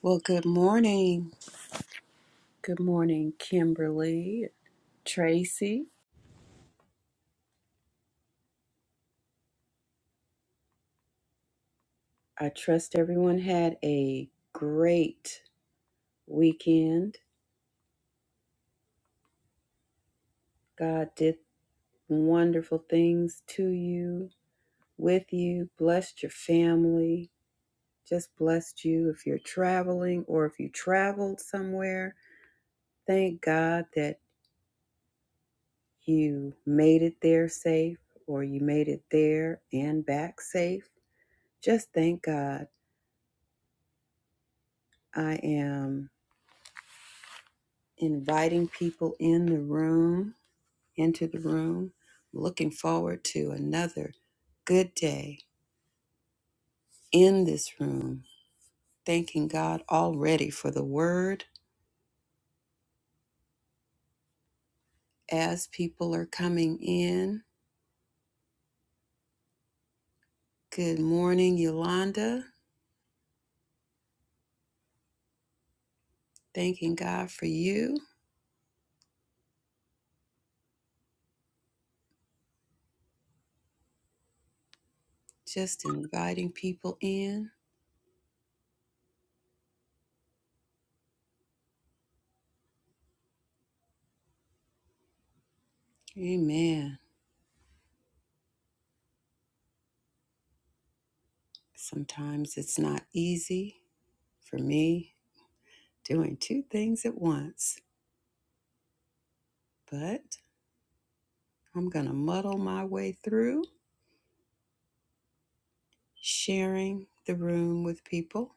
Well, good morning. Good morning, Kimberly, Tracy. I trust everyone had a great weekend. God did wonderful things to you, with you, blessed your family, just blessed you if you're traveling or if you traveled somewhere. Thank God that you made it there safe or you made it there and back safe. Just thank God. I am. inviting people in the room, into the room. Looking forward to another good day in this room. Thanking God already for the word as people are coming in. Good morning, Yolanda. Thanking God for you. Just inviting people in. Amen. Sometimes it's not easy for me doing two things at once, but I'm going to muddle my way through sharing the room with people.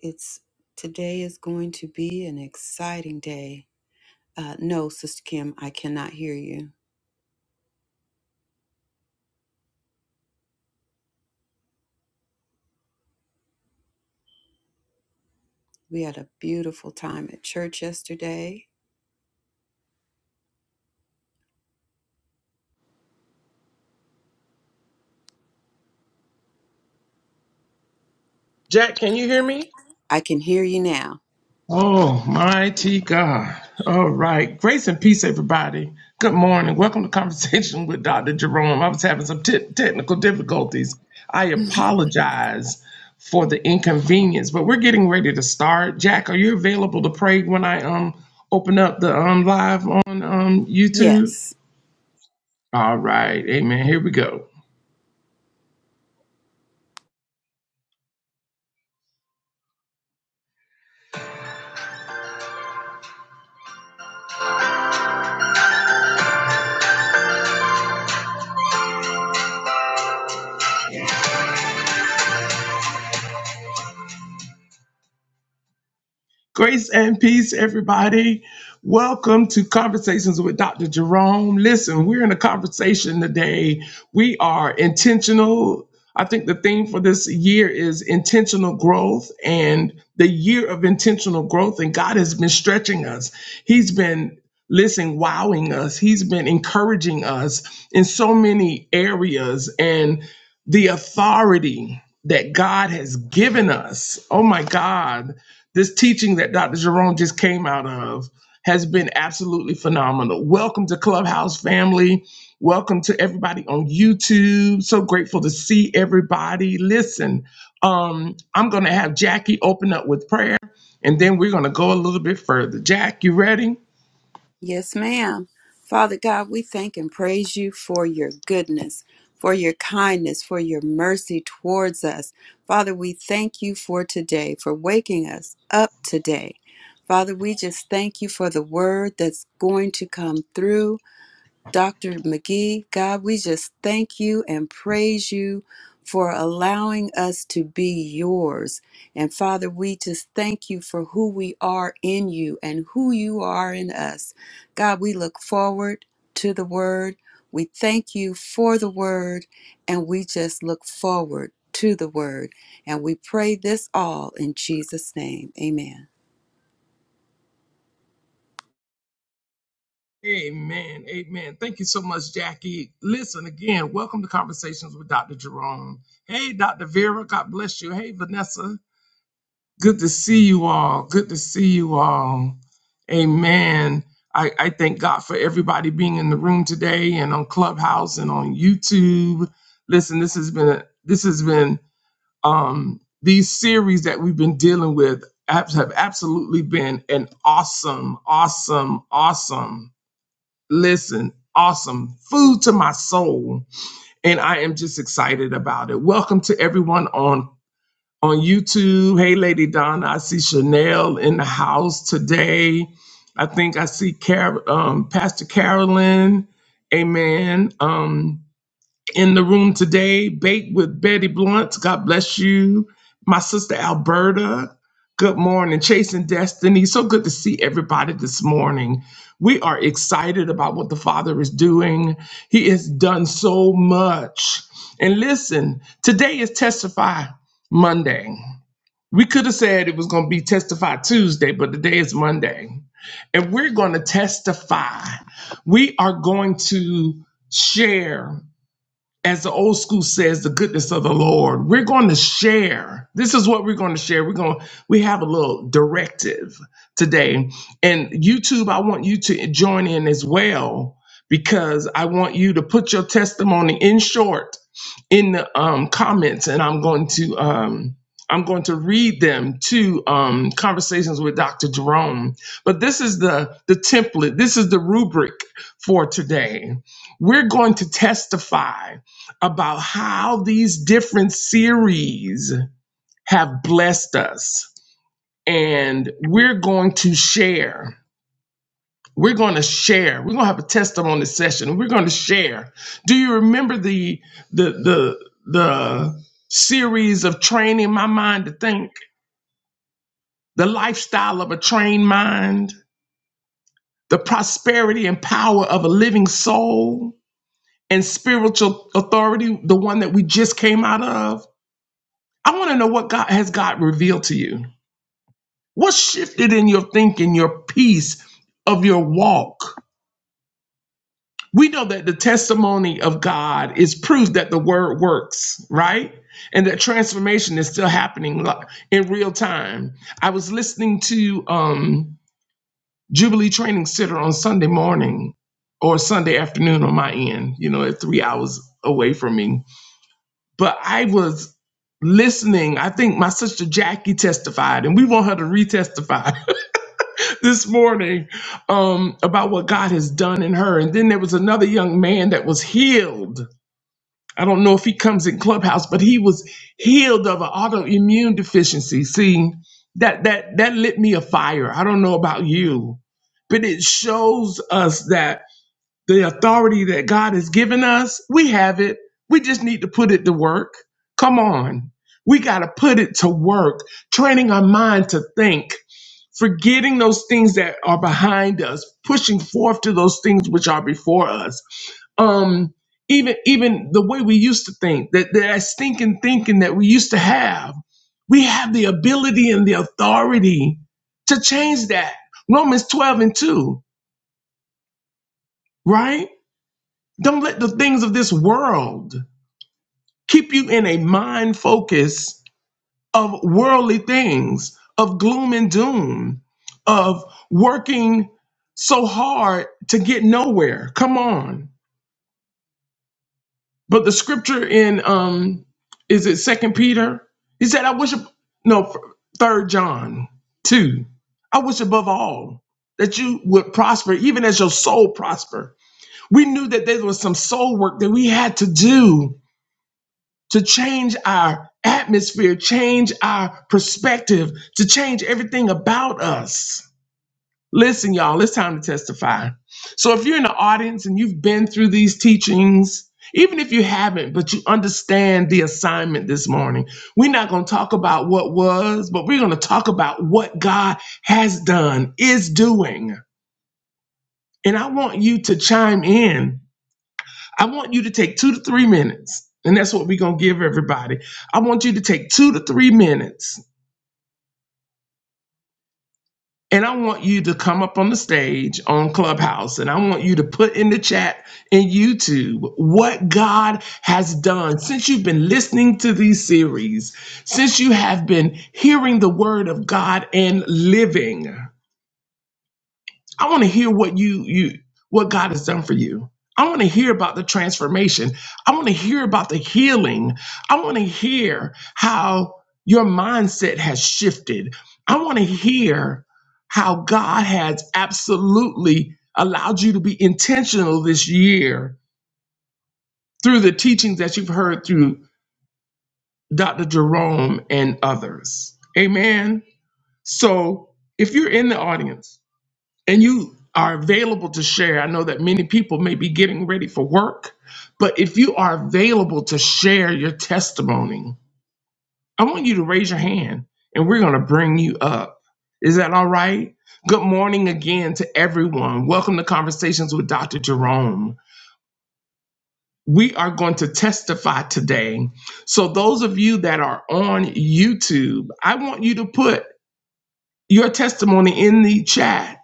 It's today is going to be an exciting day. Uh, no, Sister Kim, I cannot hear you. We had a beautiful time at church yesterday. Jack, can you hear me? I can hear you now. Oh, mighty God. All right. Grace and peace, everybody. Good morning. Welcome to Conversation with Dr. Jerome. I was having some te- technical difficulties. I apologize for the inconvenience, but we're getting ready to start. Jack, are you available to pray when I um open up the um live on um YouTube? yes. All right. Amen. Here we go. Grace and peace, everybody. Welcome to Conversations with Dr. Jerome. Listen, we're in a conversation today. We are intentional. I think the theme for this year is intentional growth and the year of intentional growth. And God has been stretching us. He's been, listen, wowing us. He's been encouraging us in so many areas. And the authority that God has given us, oh my God this teaching that Dr. Jerome just came out of has been absolutely phenomenal. Welcome to Clubhouse family. Welcome to everybody on YouTube. So grateful to see everybody. Listen, um, I'm going to have Jackie open up with prayer, and then we're going to go a little bit further. Jack, you ready? Yes, ma'am. Father God, we thank and praise you for your goodness, for your kindness, for your mercy towards us. Father, we thank you for today, for waking us up today. Father, we just thank you for the word that's going to come through. Dr. McGee, God, we just thank you and praise you for allowing us to be yours. And Father, we just thank you for who we are in you and who you are in us. God, we look forward to the word. We thank you for the word, and we just look forward to the word. And we pray this all in Jesus' name. Amen. Amen. Amen. Thank you so much, Jackie. Listen again. Welcome to Conversations with Dr. Jerome. Hey, Dr. Vera. God bless you. Hey, Vanessa. Good to see you all. Good to see you all. Amen. I, I thank God for everybody being in the room today and on Clubhouse and on YouTube. Listen, this has been this has been um these series that we've been dealing with abs- have absolutely been an awesome, awesome, awesome. Listen, awesome food to my soul, and I am just excited about it. Welcome to everyone on on YouTube. Hey, Lady Donna, I see Chanel in the house today. I think I see Car- um, Pastor Carolyn, amen, um, in the room today. Bake with Betty Blunt, God bless you. My sister Alberta, good morning. Chasing Destiny, so good to see everybody this morning. We are excited about what the Father is doing. He has done so much. And listen, today is Testify Monday. We could have said it was going to be Testify Tuesday, but today is Monday. And we're going to testify. We are going to share, as the old school says, the goodness of the Lord. We're going to share. This is what we're going to share. We're going to, we have a little directive today. And YouTube, I want you to join in as well because I want you to put your testimony in short in the um, comments, and I'm going to um, I'm going to read them to um, conversations with Dr. Jerome. But this is the the template. This is the rubric for today. We're going to testify about how these different series have blessed us, and we're going to share. We're going to share. We're going to have a testimony session. We're going to share. Do you remember the the the the series of training my mind to think, the lifestyle of a trained mind, the prosperity and power of a living soul, and spiritual authority, the one that we just came out of? I want to know what God has God revealed to you. What shifted in your thinking, your peace of your walk? we know that the testimony of God is proof that the word works, right? And that transformation is still happening in real time. I was listening to um, Jubilee Training Center on Sunday morning or Sunday afternoon on my end, you know, at three hours away from me. But I was listening. I think my sister Jackie testified, and we want her to retestify this morning um, about what God has done in her. And then there was another young man that was healed I don't know if he comes in clubhouse, but he was healed of an autoimmune deficiency. See, that that that lit me a fire. I don't know about you, but it shows us that the authority that God has given us, we have it. We just need to put it to work. Come on. We got to put it to work, training our mind to think, forgetting those things that are behind us, pushing forth to those things which are before us. Um, even even the way we used to think, that, that stinking thinking that we used to have, we have the ability and the authority to change that. Romans 12 and 2, right? Don't let the things of this world keep you in a mind focus of worldly things, of gloom and doom, of working so hard to get nowhere. Come on. But the scripture in um is it second Peter? He said, I wish no third John two. I wish above all that you would prosper, even as your soul prosper. We knew that there was some soul work that we had to do to change our atmosphere, change our perspective, to change everything about us. Listen, y'all, it's time to testify. So, if you're in the audience and you've been through these teachings, even if you haven't, but you understand the assignment this morning, we're not going to talk about what was, but we're going to talk about what God has done, is doing. And I want you to chime in I want you to take two to three minutes, and that's what we're gonna give everybody. I want you to take two to three minutes, and I want you to come up on the stage on Clubhouse, and I want you to put in the chat in YouTube what God has done since you've been listening to these series, since you have been hearing the word of God and living. I want to hear what you you what God has done for you. I want to hear about the transformation. I want to hear about the healing. I want to hear how your mindset has shifted. I want to hear how God has absolutely allowed you to be intentional this year through the teachings that you've heard through Dr. Jerome and others. Amen. So, if you're in the audience and you are available to share, I know that many people may be getting ready for work, but if you are available to share your testimony, I want you to raise your hand and we're going to bring you up. Is that all right? Good morning again to everyone. Welcome to Conversations with Dr. Jerome. We are going to testify today. So, those of you that are on YouTube, I want you to put your testimony in the chat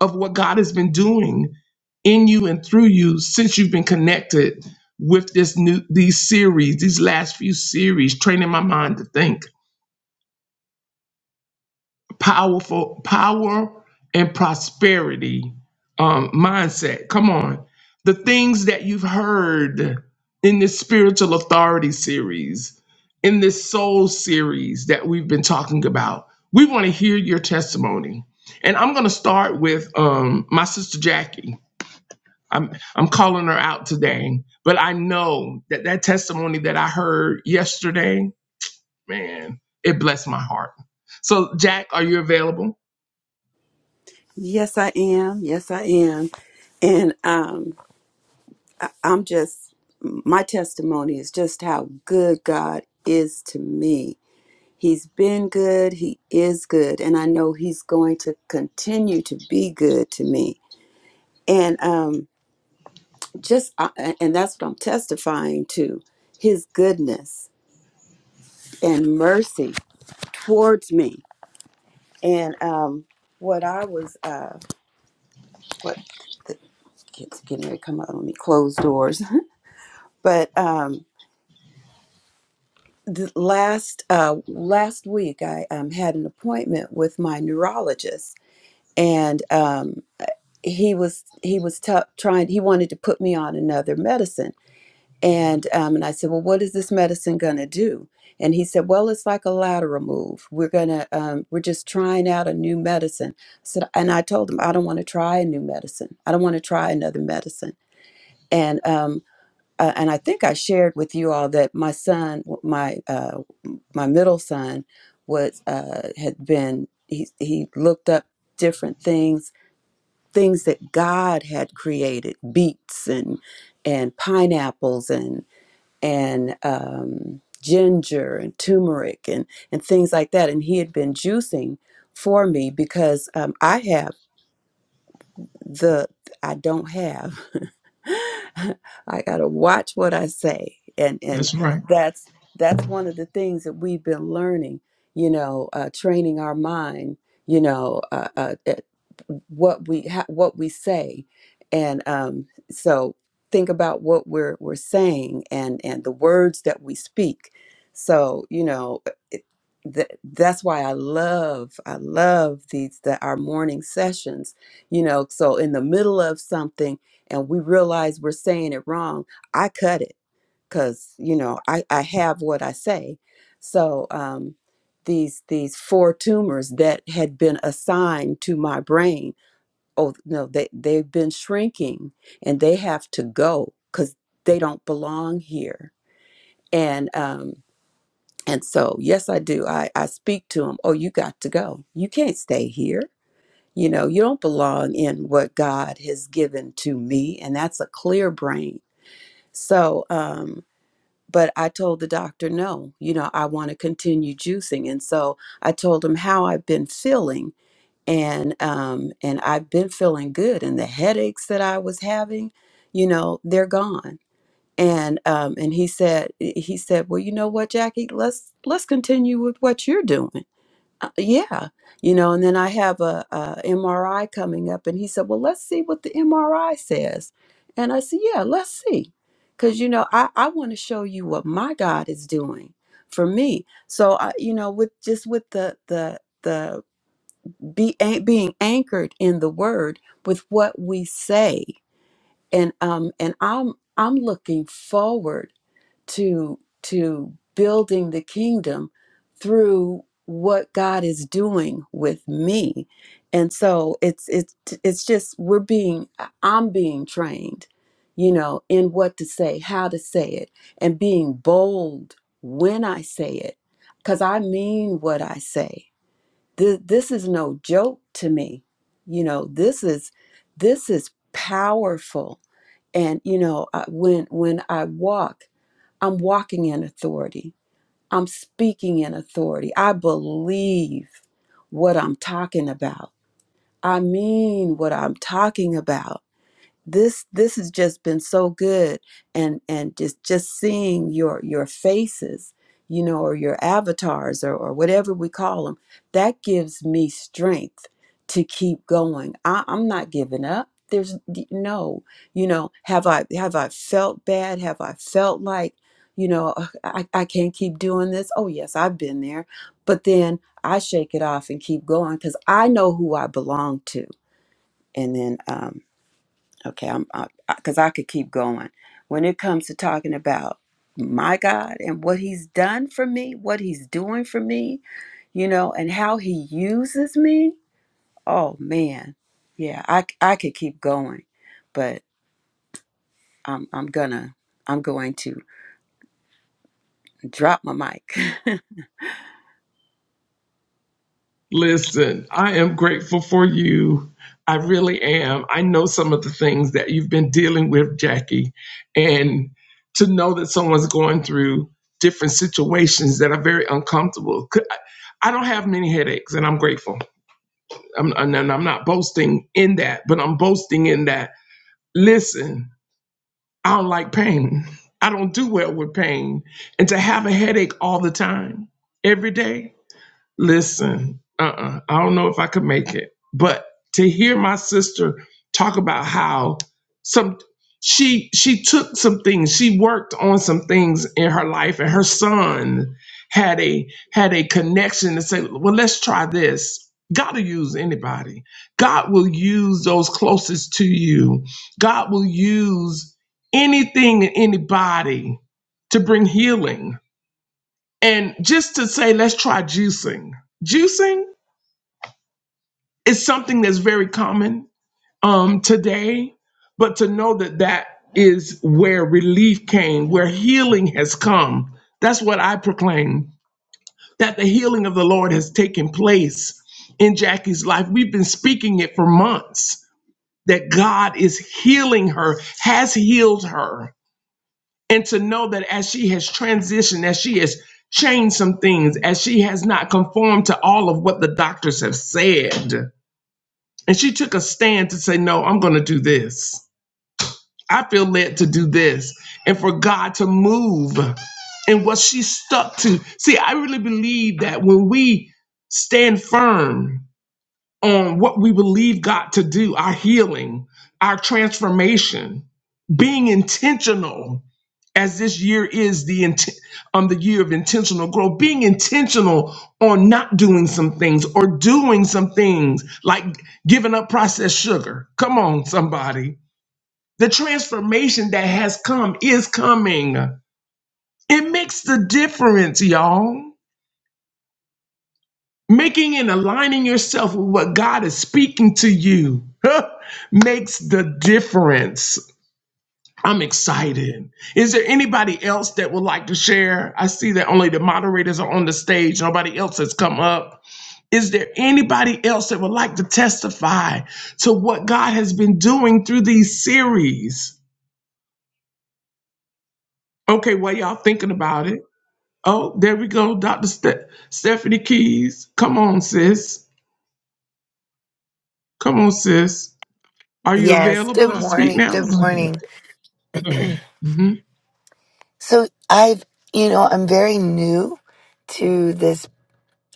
of what God has been doing in you and through you since you've been connected with this new these series, these last few series, training my mind to think powerful power and prosperity um, mindset. Come on. The things that you've heard in this spiritual authority series, in this soul series that we've been talking about, we want to hear your testimony. And I'm going to start with um, my sister Jackie. I'm, I'm calling her out today, but I know that that testimony that I heard yesterday, man, it blessed my heart. So, Jack, are you available? Yes, I am. Yes, I am. And um, I- I'm just, my testimony is just how good God is to me. He's been good, He is good, and I know He's going to continue to be good to me. And um, just, I- and that's what I'm testifying to His goodness and mercy towards me. And um, what I was, uh, what the kids are getting ready to come out on me, closed doors. But um, the last uh, last week I um, had an appointment with my neurologist, and um, he was he was t- trying he wanted to put me on another medicine, and um, and I said, well, what is this medicine gonna do? And he said, well, it's like a lateral move. We're gonna um, we're just trying out a new medicine. I said, and I told him I don't want to try a new medicine. I don't want to try another medicine. And um, uh, and I think I shared with you all that my son, my uh, my middle son, was uh, had been he he looked up different things, things that God had created, beets and and pineapples and and um, ginger and turmeric and and things like that, and he had been juicing for me because um, I have the I don't have. I gotta watch what I say, and and That's right. that's that's one of the things that we've been learning. You know, uh, training our mind. You know, uh, uh, at what we ha- what we say, and um, so think about what we're we're saying and and the words that we speak. So you know. eh, It, that, that's why I love I love these the, our morning sessions you know so in the middle of something and we realize we're saying it wrong i cut it because you know I, I have what i say so um, these these four tumors that had been assigned to my brain oh no they, they've been shrinking and they have to go because they don't belong here and um and so yes i do i i speak to them oh you got to go you can't stay here you know, you don't belong in what God has given to me. And that's a clear brain. So, um, but I told the doctor, no, you know, I want to continue juicing. And so I told him how I've been feeling. And, um, and I've been feeling good. And the headaches that I was having, you know, they're gone. And, um, and he said, he said, well, you know what, Jackie, let's, let's continue with what you're doing uh, yeah you know and then i have a, mri coming up and he said well let's see what the mri says and i said yeah let's see because you know i, I want to show you what my god is doing for me so I, you know with just with the the the be, a- being anchored in the word with what we say and um and i'm i'm looking forward to to building the kingdom through what God is doing with me. And so it's it's it's just we're being I'm being trained, you know, in what to say, how to say it, and being bold when I say it cuz I mean what I say. This, this is no joke to me. You know, this is this is powerful. And you know, I, when when I walk I'm walking in authority. I'm speaking in authority. I believe what I'm talking about. I mean what I'm talking about this this has just been so good and and just just seeing your your faces you know or your avatars or, or whatever we call them that gives me strength to keep going I, i'm not giving up there's d- no you know have i have i felt bad have i felt like you know "Ugh, I, I can't keep doing this oh yes i've been there but then i shake it off and keep going because i know who i belong to and then um Okay, I'm because I, I 'cause I could keep going. When it comes to talking about my God and what He's done for me, what He's doing for me, you know, and how He uses me. Oh man, yeah, I, I could keep going, but I'm I'm gonna I'm going to drop my mic. Listen, I am grateful for you. I really am. I know some of the things that you've been dealing with, Jackie, and to know that someone's going through different situations that are very uncomfortable. Could- I don't have many headaches, and I'm grateful. I'm, and I'm not boasting in that, but I'm boasting in that. Listen, I don't like pain. I don't do well with pain, and to have a headache all the time, every day Listen, uh-uh, I don't know if I could make it. But to hear my sister talk about how some she she took some things, she worked on some things in her life, and her son had a had a connection to say, well, let's try this. God will use anybody. God will use those closest to you. God will use anything and anybody to bring healing and just to say, let's try juicing. Juicing is something that's very common um, today, but to know that that is where relief came, where healing has come. That's what I proclaim that the healing of the Lord has taken place in Jackie's life. We've been speaking it for months that God is healing her, has healed her and to know that as she has transitioned, as she has changed some things, as she has not conformed to all of what the doctors have said, and she took a stand to say, No, I'm going to do this. I feel led to do this, and for God to move and what she stuck to. See, I really believe that when we stand firm on what we believe God to do, our healing, our transformation, being intentional as this year is the int- um the year of intentional growth being intentional on not doing some things or doing some things like giving up processed sugar come on somebody the transformation that has come is coming it makes the difference y'all making and aligning yourself with what god is speaking to you makes the difference I'm excited. Is there anybody else that would like to share? I see that only the moderators are on the stage. Nobody else has come up. Is there anybody else that would like to testify to what God has been doing through these series? Okay, while y'all thinking about it. Oh, there we go, Dr. Ste- Stephanie Keys. Come on, sis. Come on, sis. Are you Yes, good available to speak morning. now? Good Go ahead. morning. Go ahead. So, I've, you know, I'm very new to this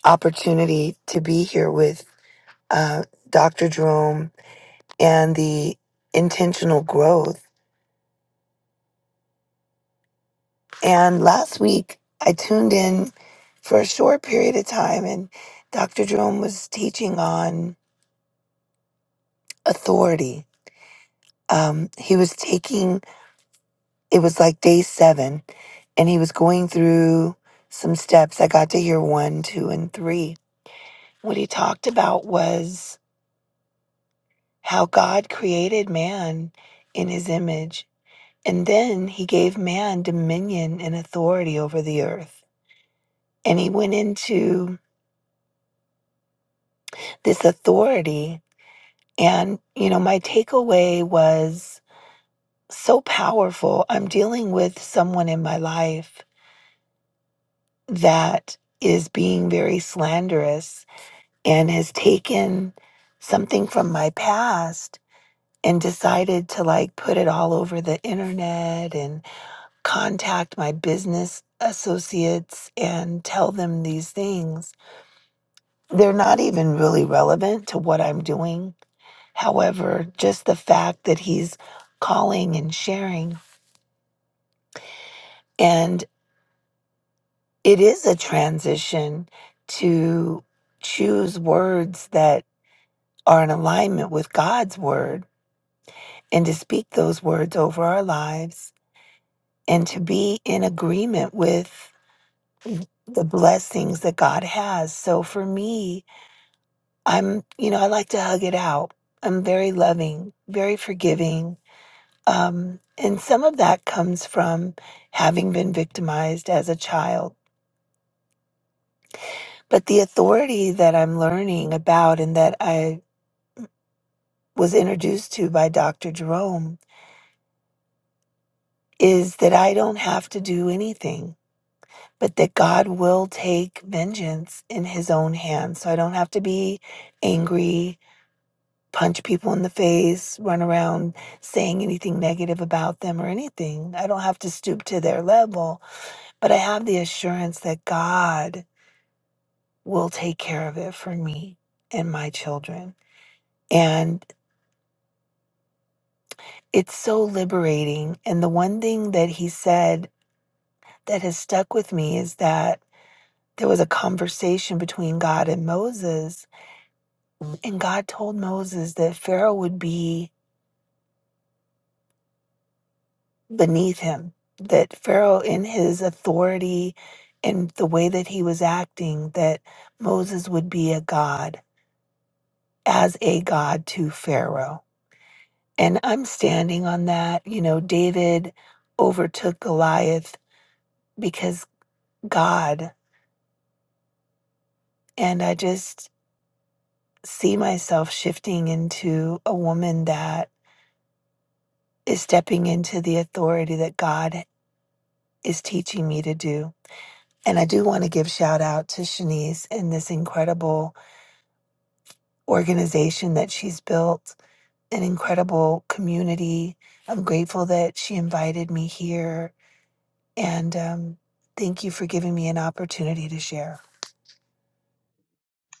opportunity to be here with uh, Dr. Jerome and the intentional growth. And last week, I tuned in for a short period of time, and Dr. Jerome was teaching on authority. Um, he was taking, it was like day seven, and he was going through some steps. I got to hear one, two, and three what he talked about was how God created man in his image. And then he gave man dominion and authority over the earth. And he went into this authority. And, you know, my takeaway was so powerful. I'm dealing with someone in my life that is being very slanderous and has taken something from my past and decided to like put it all over the internet and contact my business associates and tell them these things. They're not even really relevant to what I'm doing. However, just the fact that he's calling and sharing, and it is a transition to choose words that are in alignment with God's word and to speak those words over our lives and to be in agreement with the blessings that God has. So for me, I'm, you know, I like to hug it out. I'm very loving, very forgiving. Um, and some of that comes from having been victimized as a child. But the authority that I'm learning about and that I was introduced to by Dr. Jerome is that I don't have to do anything, but that God will take vengeance in his own hands. So I don't have to be angry. punch people in the face, run around saying anything negative about them or anything. I don't have to stoop to their level, but I have the assurance that God will take care of it for me and my children. And it's so liberating. And the one thing that he said that has stuck with me is that there was a conversation between God and Moses, and God told Moses that Pharaoh would be beneath him, that Pharaoh, in his authority and the way that he was acting, that Moses would be a God, as a God to Pharaoh. And I'm standing on that. You know, David overtook Goliath because God. And I just see myself shifting into a woman that is stepping into the authority that God is teaching me to do. And I do want to give shout out to Shanice and this incredible organization that she's built, an incredible community. I'm grateful that she invited me here. And um, thank you for giving me an opportunity to share.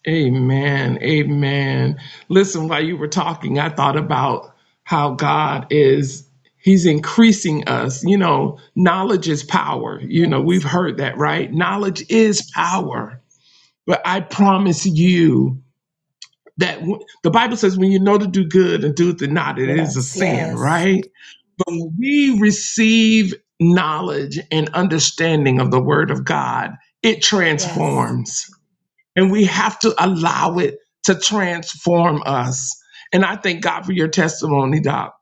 Amen. Amen. Listen, while you were talking, I thought about how God is he's increasing us. You know, knowledge is power. You know, we've Yes, heard that, right? Knowledge is power. But I promise you that w- the Bible says when you know to do good and do it not, it is a yes, sin, yes, right? But when we receive knowledge and understanding of the word of God, it yes. transforms and we have to allow it to transform us. And I thank God for your testimony, Doc.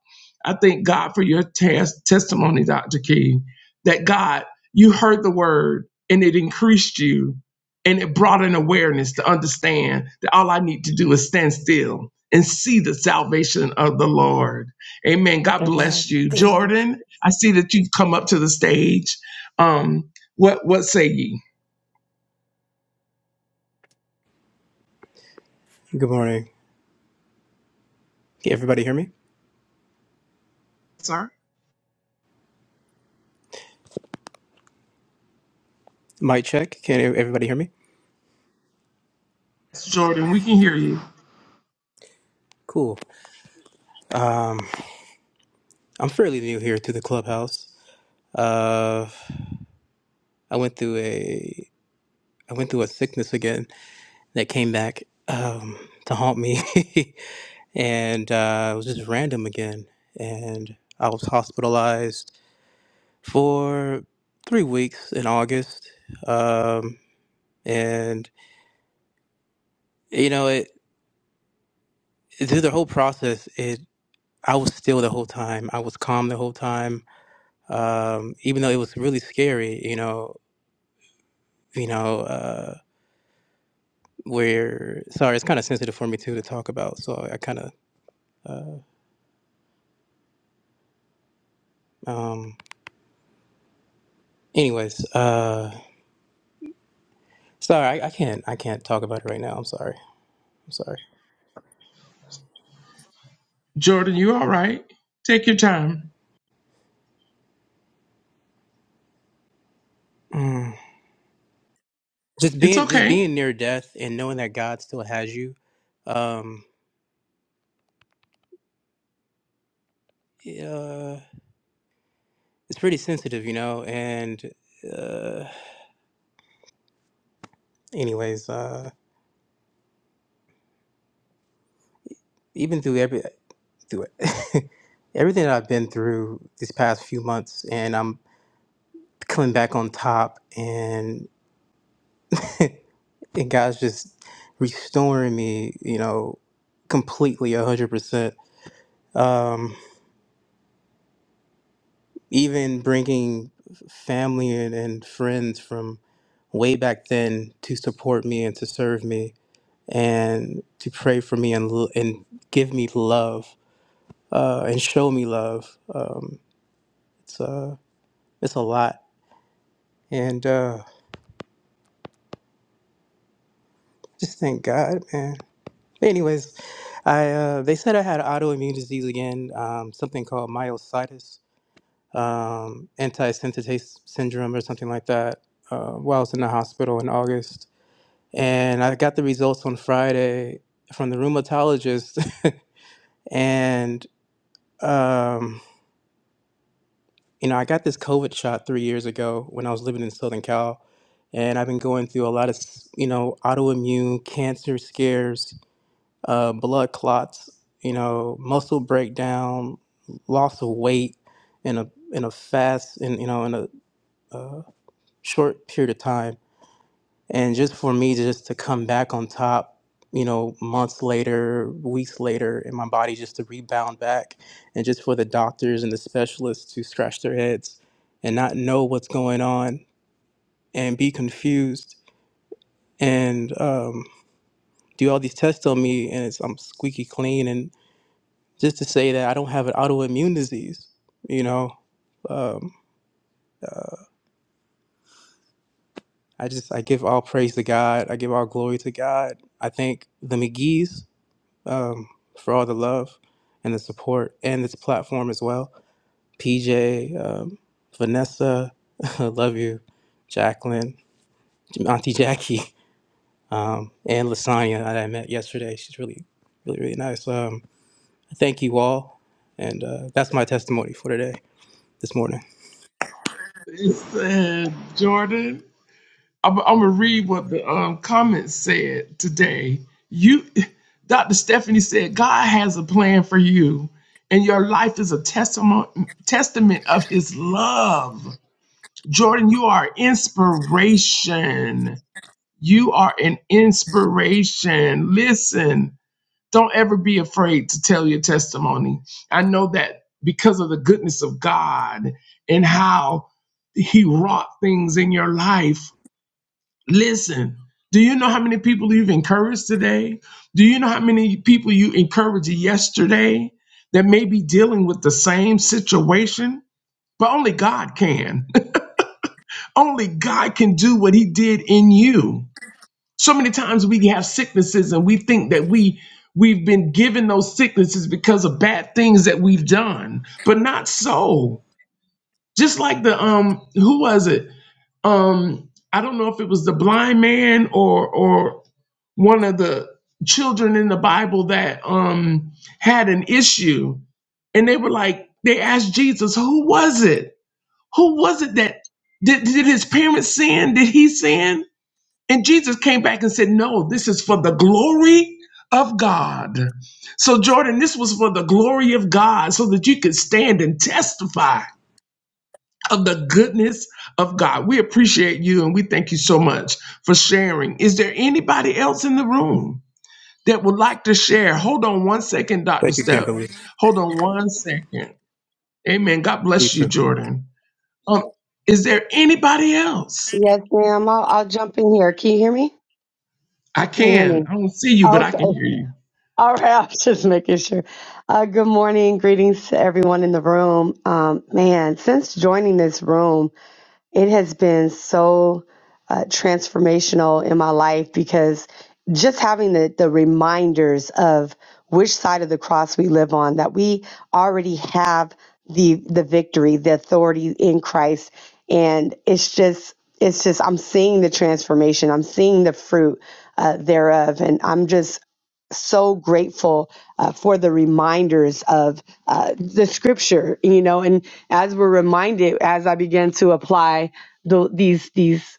I thank God for your tes- testimony, Dr. King, that God, you heard the word and it increased you and it brought an awareness to understand that all I need to do is stand still and see the salvation of the Lord. Amen. God bless Amen. you. Thank you. Jordan, I see that you've come up to the stage. Um, what what say ye? Good morning. Can everybody hear me? Sir? Mic check. Can e-, everybody hear me? Jordan, we can hear you. Cool. I'm fairly new here to the clubhouse. Uh, I went through a I went through a sickness again that came back um, to haunt me, and uh, it was just random again. And I was hospitalized for three weeks in August. Um, and you know, it through the whole process, it I was still the whole time. I was calm the whole time. um, even though it was really scary, you know, you know, uh, where sorry, it's kind of sensitive for me too to talk about, so I kind of, um, anyways, uh, sorry, I, I can't, I can't talk about it right now. I'm sorry, I'm sorry. Jordan, you all right? Take your time. Mm. Just It's being, just okay. being near death and knowing that God still has you, um, uh, it's pretty sensitive, you know. And uh, anyways, uh, even through every, through it. everything that I've been through these past few months, and I'm coming back on top and and God's just restoring me, you know, completely a hundred percent. Um, even bringing family and, and friends from way back then to support me and to serve me and to pray for me and l- and give me love uh, and show me love. Um, it's uh, it's a lot, and uh, just thank God, man. Anyways, I uh, they said I had autoimmune disease again, um, something called myositis, um, antisynthetase syndrome, or something like that. Uh, while I was in the hospital in August, and I got the results on Friday from the rheumatologist, and um, you know I got this COVID shot three years ago when I was living in Southern Cal, and I've been going through a lot of s- you know autoimmune cancer scares uh, blood clots, you know, muscle breakdown, loss of weight in a in a fast in you know in a uh, short period of time, and just for me to just to come back on top, you know, months later, weeks later, and my body just to rebound back, and just for the doctors and the specialists to scratch their heads and not know what's going on and be confused and um, do all these tests on me, and it's I'm squeaky clean and. just to say that I don't have an autoimmune disease. You know, um, I just I give all praise to God. I give all glory to God. I thank the McGee's um, for all the love and the support and this platform as well. PJ, um, Vanessa, I love you, Jacqueline, Auntie Jackie, um, and Lasagna that I met yesterday. She's really, really, really nice. Um, thank you all, and uh, that's my testimony for today, this morning. It's uh, Jordan. I'm, I'm gonna read what the um, comments said today. You, Dr. Stephanie said, God has a plan for you, and your life is a testament testament of His love. Jordan, you are inspiration. You are an inspiration. Listen, Don't ever be afraid to tell your testimony. I know that because of the goodness of God and how He wrought things in your life. Listen, do you know how many people you've encouraged today? Do you know how many people you encouraged yesterday that may be dealing with the same situation? But only God can. only God can do what He did in you. So many times we have sicknesses and we think that we we've been given those sicknesses because of bad things that we've done, but not so. Just like the um who was it? Um I don't know if it was the blind man or or one of the children in the Bible that um had an issue and they were like they asked Jesus, "Who was it? Who was it that did, did his parents sin? Did he sin?" And Jesus came back and said, No, this is for the glory of God. So, Jordan, this was for the glory of God so that you could stand and testify of the goodness of God. We appreciate you and we thank you so much for sharing. Is there anybody else in the room that would like to share? Hold on one second, Dr. Thank you, Step. Kimberly. Hold on one second. Amen. God You bless you, too. Jordan. Um, is there anybody else? Yes, ma'am. I'll, I'll jump in here. Can you hear me? I Can you hear me? can. I don't see you, but I can Okay. hear you. All right. I was just making sure. Uh, good morning. Greetings to everyone in the room. Um, man, since joining this room, it has been so uh, transformational in my life because just having the, the reminders of which side of the cross we live on, that we already have the the victory, the authority in Christ. And it's just it's just I'm seeing the transformation. I'm seeing the fruit uh, thereof. And I'm just so grateful uh, for the reminders of uh, the scripture you know and as we're reminded as i began to apply the, these these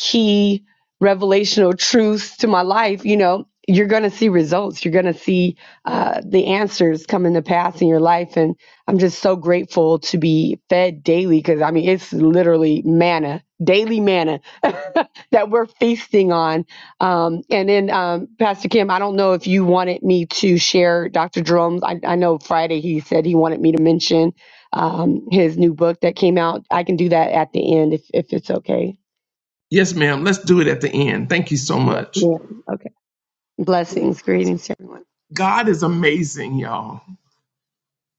key revelational truths to my life, you know, you're going to see results. You're going to see uh, the answers come into pass in your life. And I'm just so grateful to be fed daily because I mean, it's literally manna, daily manna that we're feasting on. Um, and then, um, Pastor Kim, I don't know if you wanted me to share Dr. Jerome's. I, I know Friday he said he wanted me to mention um, his new book that came out. I can do that at the end if, if it's okay. Yes, ma'am. Let's do it at the end. Thank you so Yes, much. ma'am. Okay. Blessings, greetings, everyone. God is amazing, y'all.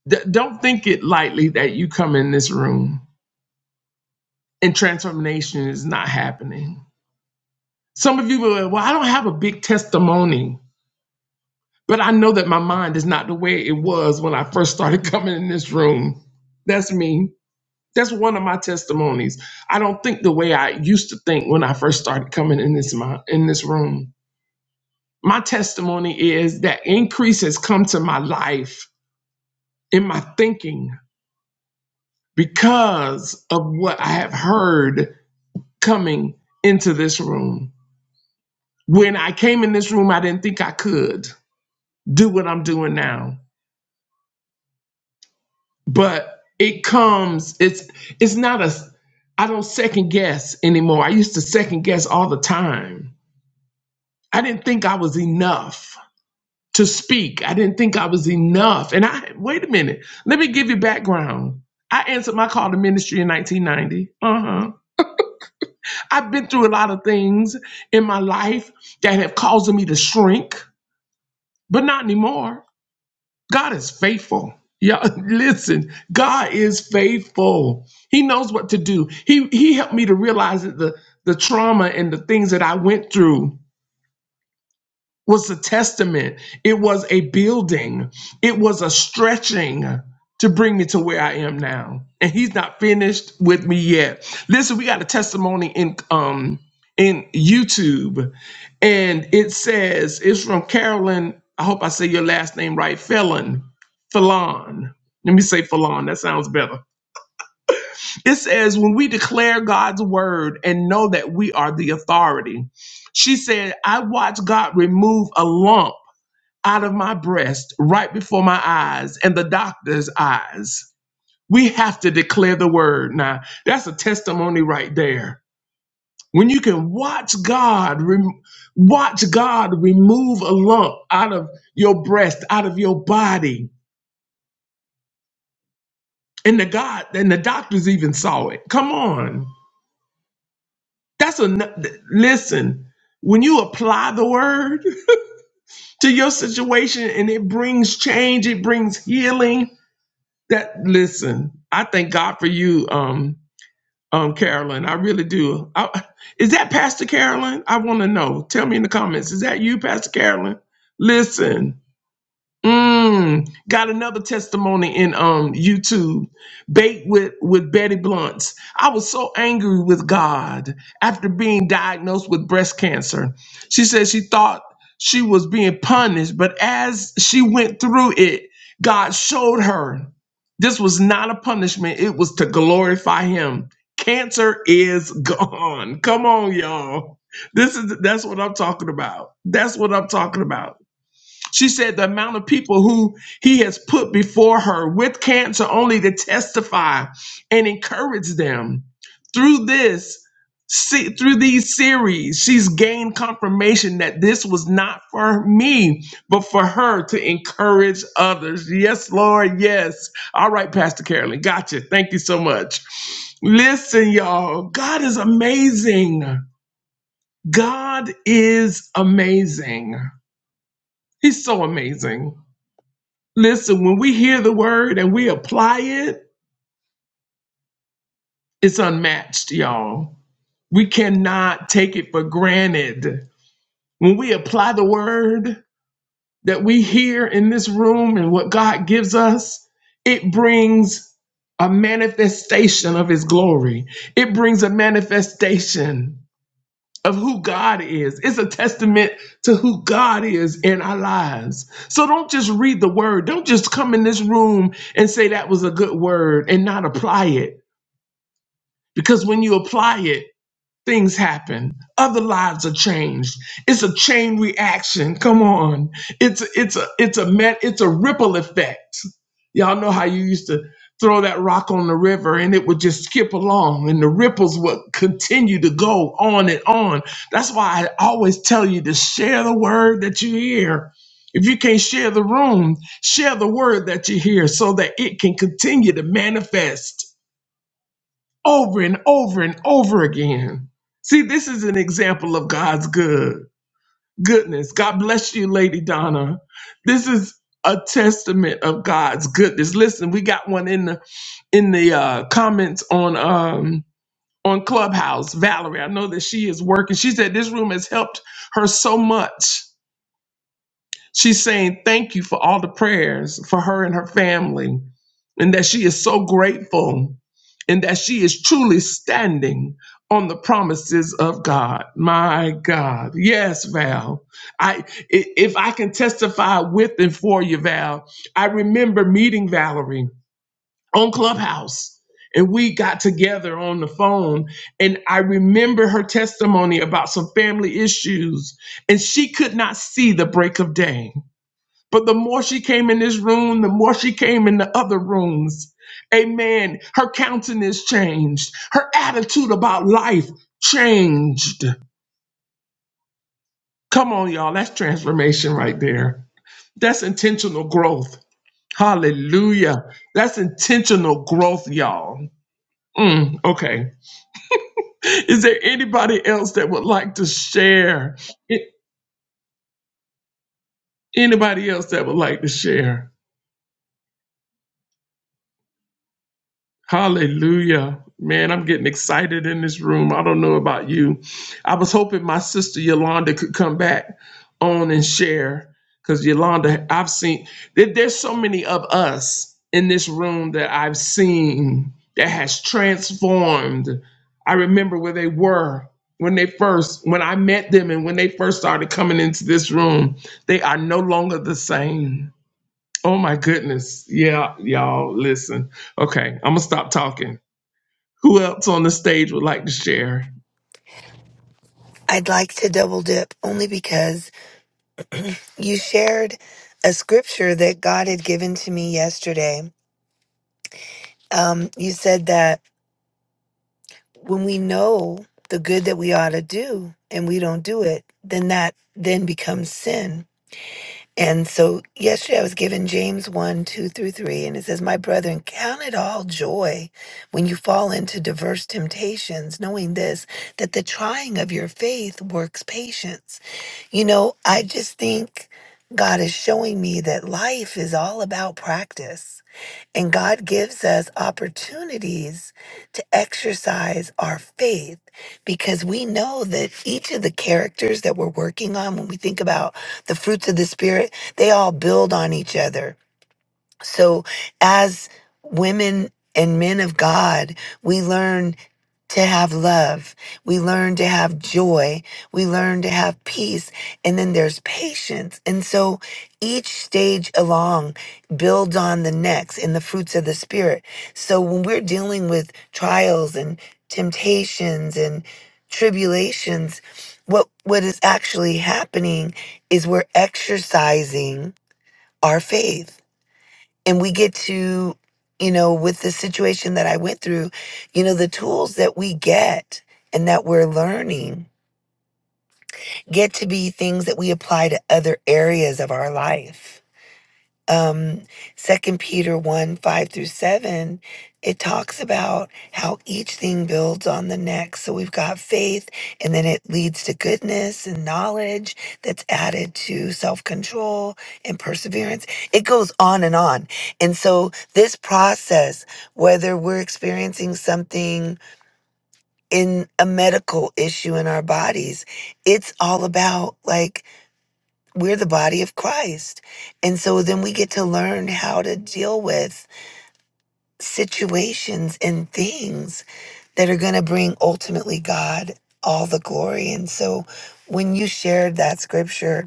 D- don't think it lightly that you come in this room and transformation is not happening. Some of you will, well, I don't have a big testimony, but I know that my mind is not the way it was when I first started coming in this room. That's me. That's one of my testimonies. I don't think the way I used to think when I first started coming in this mi- in this room. My testimony is that increase has come to my life in my thinking because of what I have heard coming into this room. When I came in this room, I didn't think I could do what I'm doing now. But it comes, it's it's not a I don't second guess anymore. I used to second guess all the time. I didn't think I was enough to speak. I didn't think I was enough. And I wait a minute. Let me give you background. I answered my call to ministry in 1990. Uh-huh. I've been through a lot of things in my life that have caused me to shrink, but not anymore. God is faithful. Yeah, listen, God is faithful. He knows what to do. He he helped me to realize that the the trauma and the things that I went through was a testament. It was a building. It was a stretching to bring me to where I am now. And he's not finished with me yet. Listen, we got a testimony in um in YouTube, and it says it's from Carolyn. I hope I say your last name right, Felon. Felon. Let me say Felon. That sounds better. It says when we declare God's word and know that we are the authority. She said, I watched God remove a lump out of my breast, right before my eyes and the doctor's eyes. We have to declare the word. Now, that's a testimony right there. When you can watch God, rem- watch God remove a lump out of your breast, out of your body, and the God and the doctors even saw it. Come on, that's a n- listen. When you apply the word to your situation and it brings change, it brings healing That listen, I thank God for you, um, um, Carolyn. I really do. I, is that Pastor Carolyn? I want to know. Tell me in the comments. Is that you, Pastor Carolyn? Listen. Mm, got another testimony in um YouTube, bait with with Betty Blunt's. I was so angry with God after being diagnosed with breast cancer. She said she thought she was being punished, but as she went through it, God showed her this was not a punishment. It was to glorify Him. Cancer is gone. Come on, y'all. This is that's what I'm talking about. That's what I'm talking about. She said the amount of people who he has put before her with cancer only to testify and encourage them. Through this, see, through these series, she's gained confirmation that this was not for me, but for her to encourage others. Yes, Lord, yes. All right, Pastor Carolyn, gotcha. Thank you so much. Listen, y'all, God is amazing. God is amazing. He's so amazing. Listen, when we hear the word and we apply it, it's unmatched, y'all. We cannot take it for granted. When we apply the word that we hear in this room and what God gives us, it brings a manifestation of his glory. It brings a manifestation of who God is. It's a testament to who God is in our lives. So don't just read the word. Don't just come in this room and say that was a good word and not apply it. Because when you apply it, Things happen. Other lives are changed. It's a chain reaction. Come on. It's it's a it's a met it's a ripple effect. Y'all know how you used to throw that rock on the river and it would just skip along and the ripples would continue to go on and on. That's why I always tell you to share the word that you hear. If you can't share the room, share the word that you hear so that it can continue to manifest over and over and over again. See, this is an example of God's good goodness. God bless you, Lady Donna. This is a testament of God's goodness. Listen, we got one in the in the uh, comments on um on Clubhouse. Valerie, I know that she is working. She said this room has helped her so much. She's saying thank you for all the prayers for her and her family, and that she is so grateful, and that she is truly standing on the promises of God. My God, yes, Val. I i- if I can testify with and for you, Val. I remember meeting Valerie on Clubhouse. And we got together on the phone, and I remember her testimony about some family issues, and she could not see the break of day but the more she came in this room, the more she came in the other rooms. Amen. Her countenance changed. Her attitude about life changed. Come on, y'all. That's transformation right there. That's intentional growth. Hallelujah. That's intentional growth, y'all. Mm, okay. Is there anybody else that would like to share? A- Anybody else that would like to share? Hallelujah. Man, I'm getting excited in this room. I don't know about you. I was hoping my sister Yolanda could come back on and share because Yolanda, I've seen, there- there's so many of us in this room that I've seen that has transformed. I remember where they were when they first, when I met them and when they first started coming into this room. They are no longer the same Oh my goodness. Yeah, y'all, listen. Okay, I'm gonna stop talking. Who else on the stage would like to share? I'd like to double dip only because You shared a scripture that God had given to me yesterday. Um, you said that when we know the good that we ought to do and we don't do it, then that then becomes sin. And so yesterday I was given James 1, 2 through 3, and it says, My brethren, count it all joy when you fall into diverse temptations, knowing this, that the trying of your faith works patience. You know, I just think God is showing me that life is all about practice, and God gives us opportunities to exercise our faith because we know that each of the characters that we're working on, when we think about the fruits of the Spirit, they all build on each other. So, as women and men of God, we learn to have love. We learn to have joy. We learn to have peace. And then there's patience. And so each stage along builds on the next in the fruits of the Spirit. So when we're dealing with trials and temptations and tribulations, what, what is actually happening is we're exercising our faith and we get to you know with the situation that i went through you know the tools that we get and that we're learning get to be things that we apply to other areas of our life um second peter 1 5 through 7 it talks about how each thing builds on the next so we've got faith and then it leads to goodness and knowledge that's added to self-control and perseverance it goes on and on and so this process whether we're experiencing something in a medical issue in our bodies it's all about like we're the body of Christ. And so then we get to learn how to deal with situations and things that are going to bring ultimately God all the glory. And so when you shared that scripture,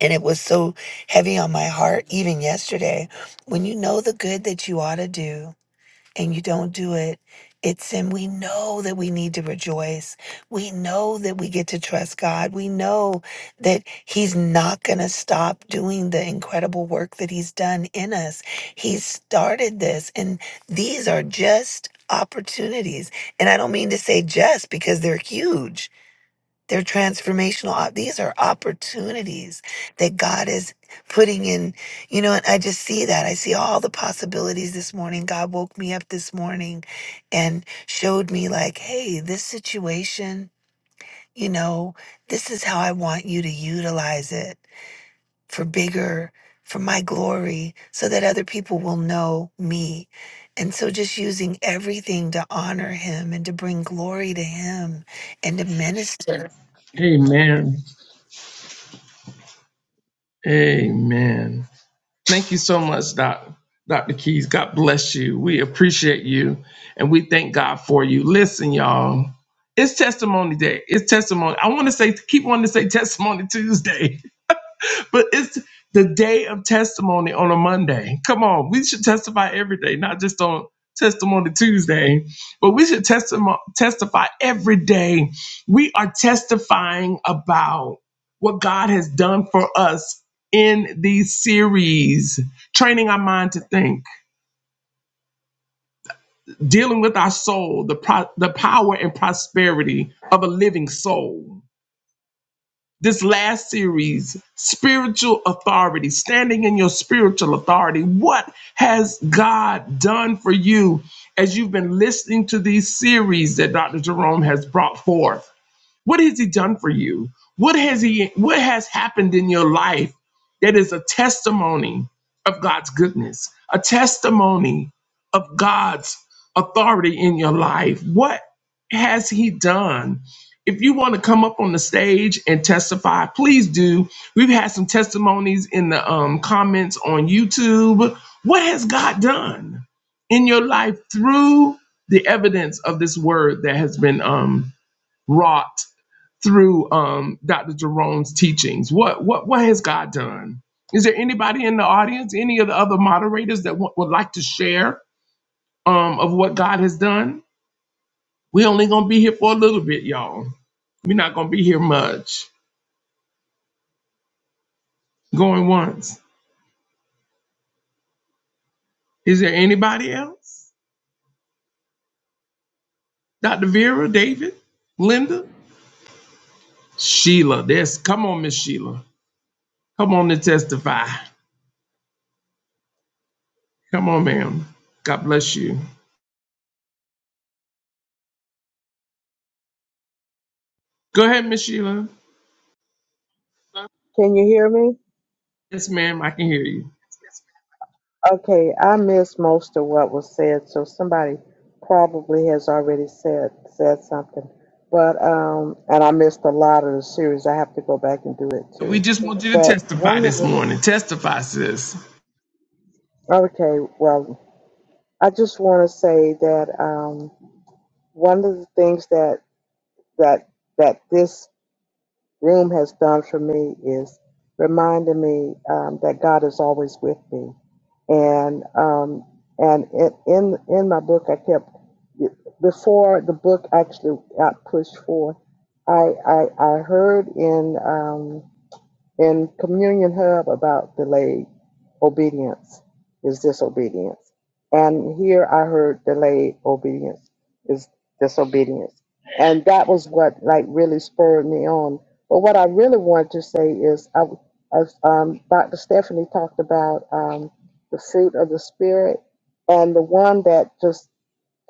and it was so heavy on my heart, even yesterday, when you know the good that you ought to do and you don't do it, it's sin. We know that we need to rejoice. We know that we get to trust God. We know that He's not going to stop doing the incredible work that He's done in us. He started this, and these are just opportunities. And I don't mean to say just because they're huge. They're transformational. op- These are opportunities that God is putting in. You know, and I just see that. I see all the possibilities this morning. God woke me up this morning and showed me, like, hey, this situation, you know, this is how I want you to utilize it for bigger, for my glory, so that other people will know me. And so just using everything to honor him and to bring glory to him and to minister. Amen. Amen. Thank you so much, Doc. Dr. Keys, God bless you. We appreciate you and we thank God for you. Listen, y'all, it's testimony day. It's testimony. I want to say, keep wanting to say testimony Tuesday. But it's the day of testimony on a Monday. Come on, we should testify every day, not just on Testimony Tuesday, but we should testimo- testify every day. We are testifying about what God has done for us in these series, training our mind to think, dealing with our soul, the, pro- the power and prosperity of a living soul this last series, spiritual authority, standing in your spiritual authority. What has God done for you as you've been listening to these series that Dr. Jerome has brought forth? What has he done for you? What has he what has happened in your life that is a testimony of God's goodness, a testimony of God's authority in your life? What has he done? If you want to come up on the stage and testify, please do. We've had some testimonies in the um, comments on YouTube. What has God done in your life through the evidence of this word that has been um, wrought through um, Dr. Jerome's teachings? What what what has God done? Is there anybody in the audience, any of the other moderators that wa- would like to share um, of what God has done? we only gonna be here for a little bit, y'all. We're not gonna be here much. Going once. Is there anybody else? Dr. Vera, David, Linda, Sheila. There's come on, Miss Sheila. Come on to testify. Come on, ma'am. God bless you. Go ahead, Miss Sheila. Can you hear me? Yes, ma'am. I can hear you. Okay, I missed most of what was said, so somebody probably has already said said something. But um, and I missed a lot of the series. I have to go back and do it We too. just want you to But testify one of this the morning. Testify, sis. okay, well, I just want to say that um, one of the things that that that this room has done for me is reminding me um, that God is always with me, and um, and in in in my book I kept before the book actually got pushed forth. I I, I heard in um, in Communion Hub about delayed obedience is disobedience. And here I heard delayed obedience is disobedience. And that was what like really spurred me on. But what I really wanted to say is I as um, Dr. Stephanie talked about um, the fruit of the spirit and the one that just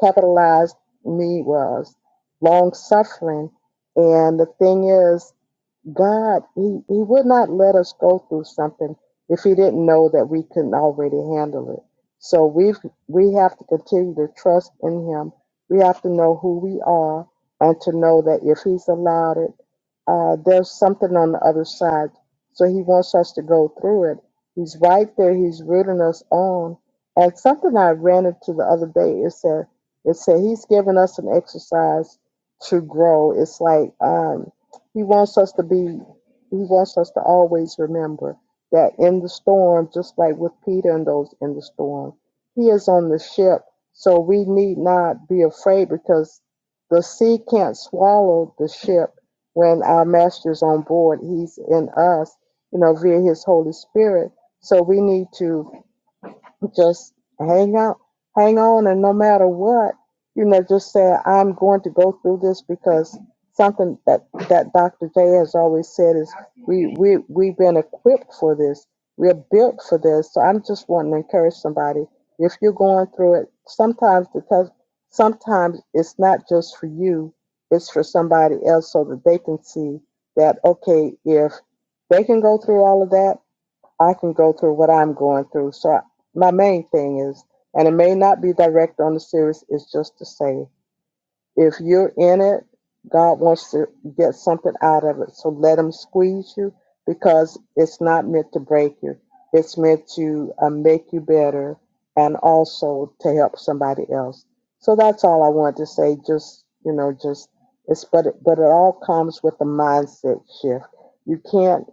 capitalized me was long suffering. And the thing is God, he, he would not let us go through something if he didn't know that we couldn't already handle it. So we've we have to continue to trust in him. We have to know who we are and to know that if he's allowed it, uh, there's something on the other side. So he wants us to go through it. He's right there, he's rooting us on. And something I ran into the other day, it said it said he's giving us an exercise to grow. It's like um he wants us to be, he wants us to always remember that in the storm, just like with Peter and those in the storm, he is on the ship. So we need not be afraid because the sea can't swallow the ship when our master's on board. He's in us, you know, via his Holy Spirit. So we need to just hang out, hang on, and no matter what, you know, just say I'm going to go through this because something that that Dr. J has always said is we we we've been equipped for this, we're built for this. So I'm just wanting to encourage somebody if you're going through it. Sometimes because sometimes it's not just for you, it's for somebody else, so that they can see that okay, if they can go through all of that I can go through what I'm going through. So I, my main thing is, and it may not be direct on the series, is just to say if you're in it, God wants to get something out of it. So let Him squeeze you because it's not meant to break you, it's meant to uh, make you better and also to help somebody else. So that's all I want to say. Just, you know, just it's but it, but it all comes with a mindset shift. You can't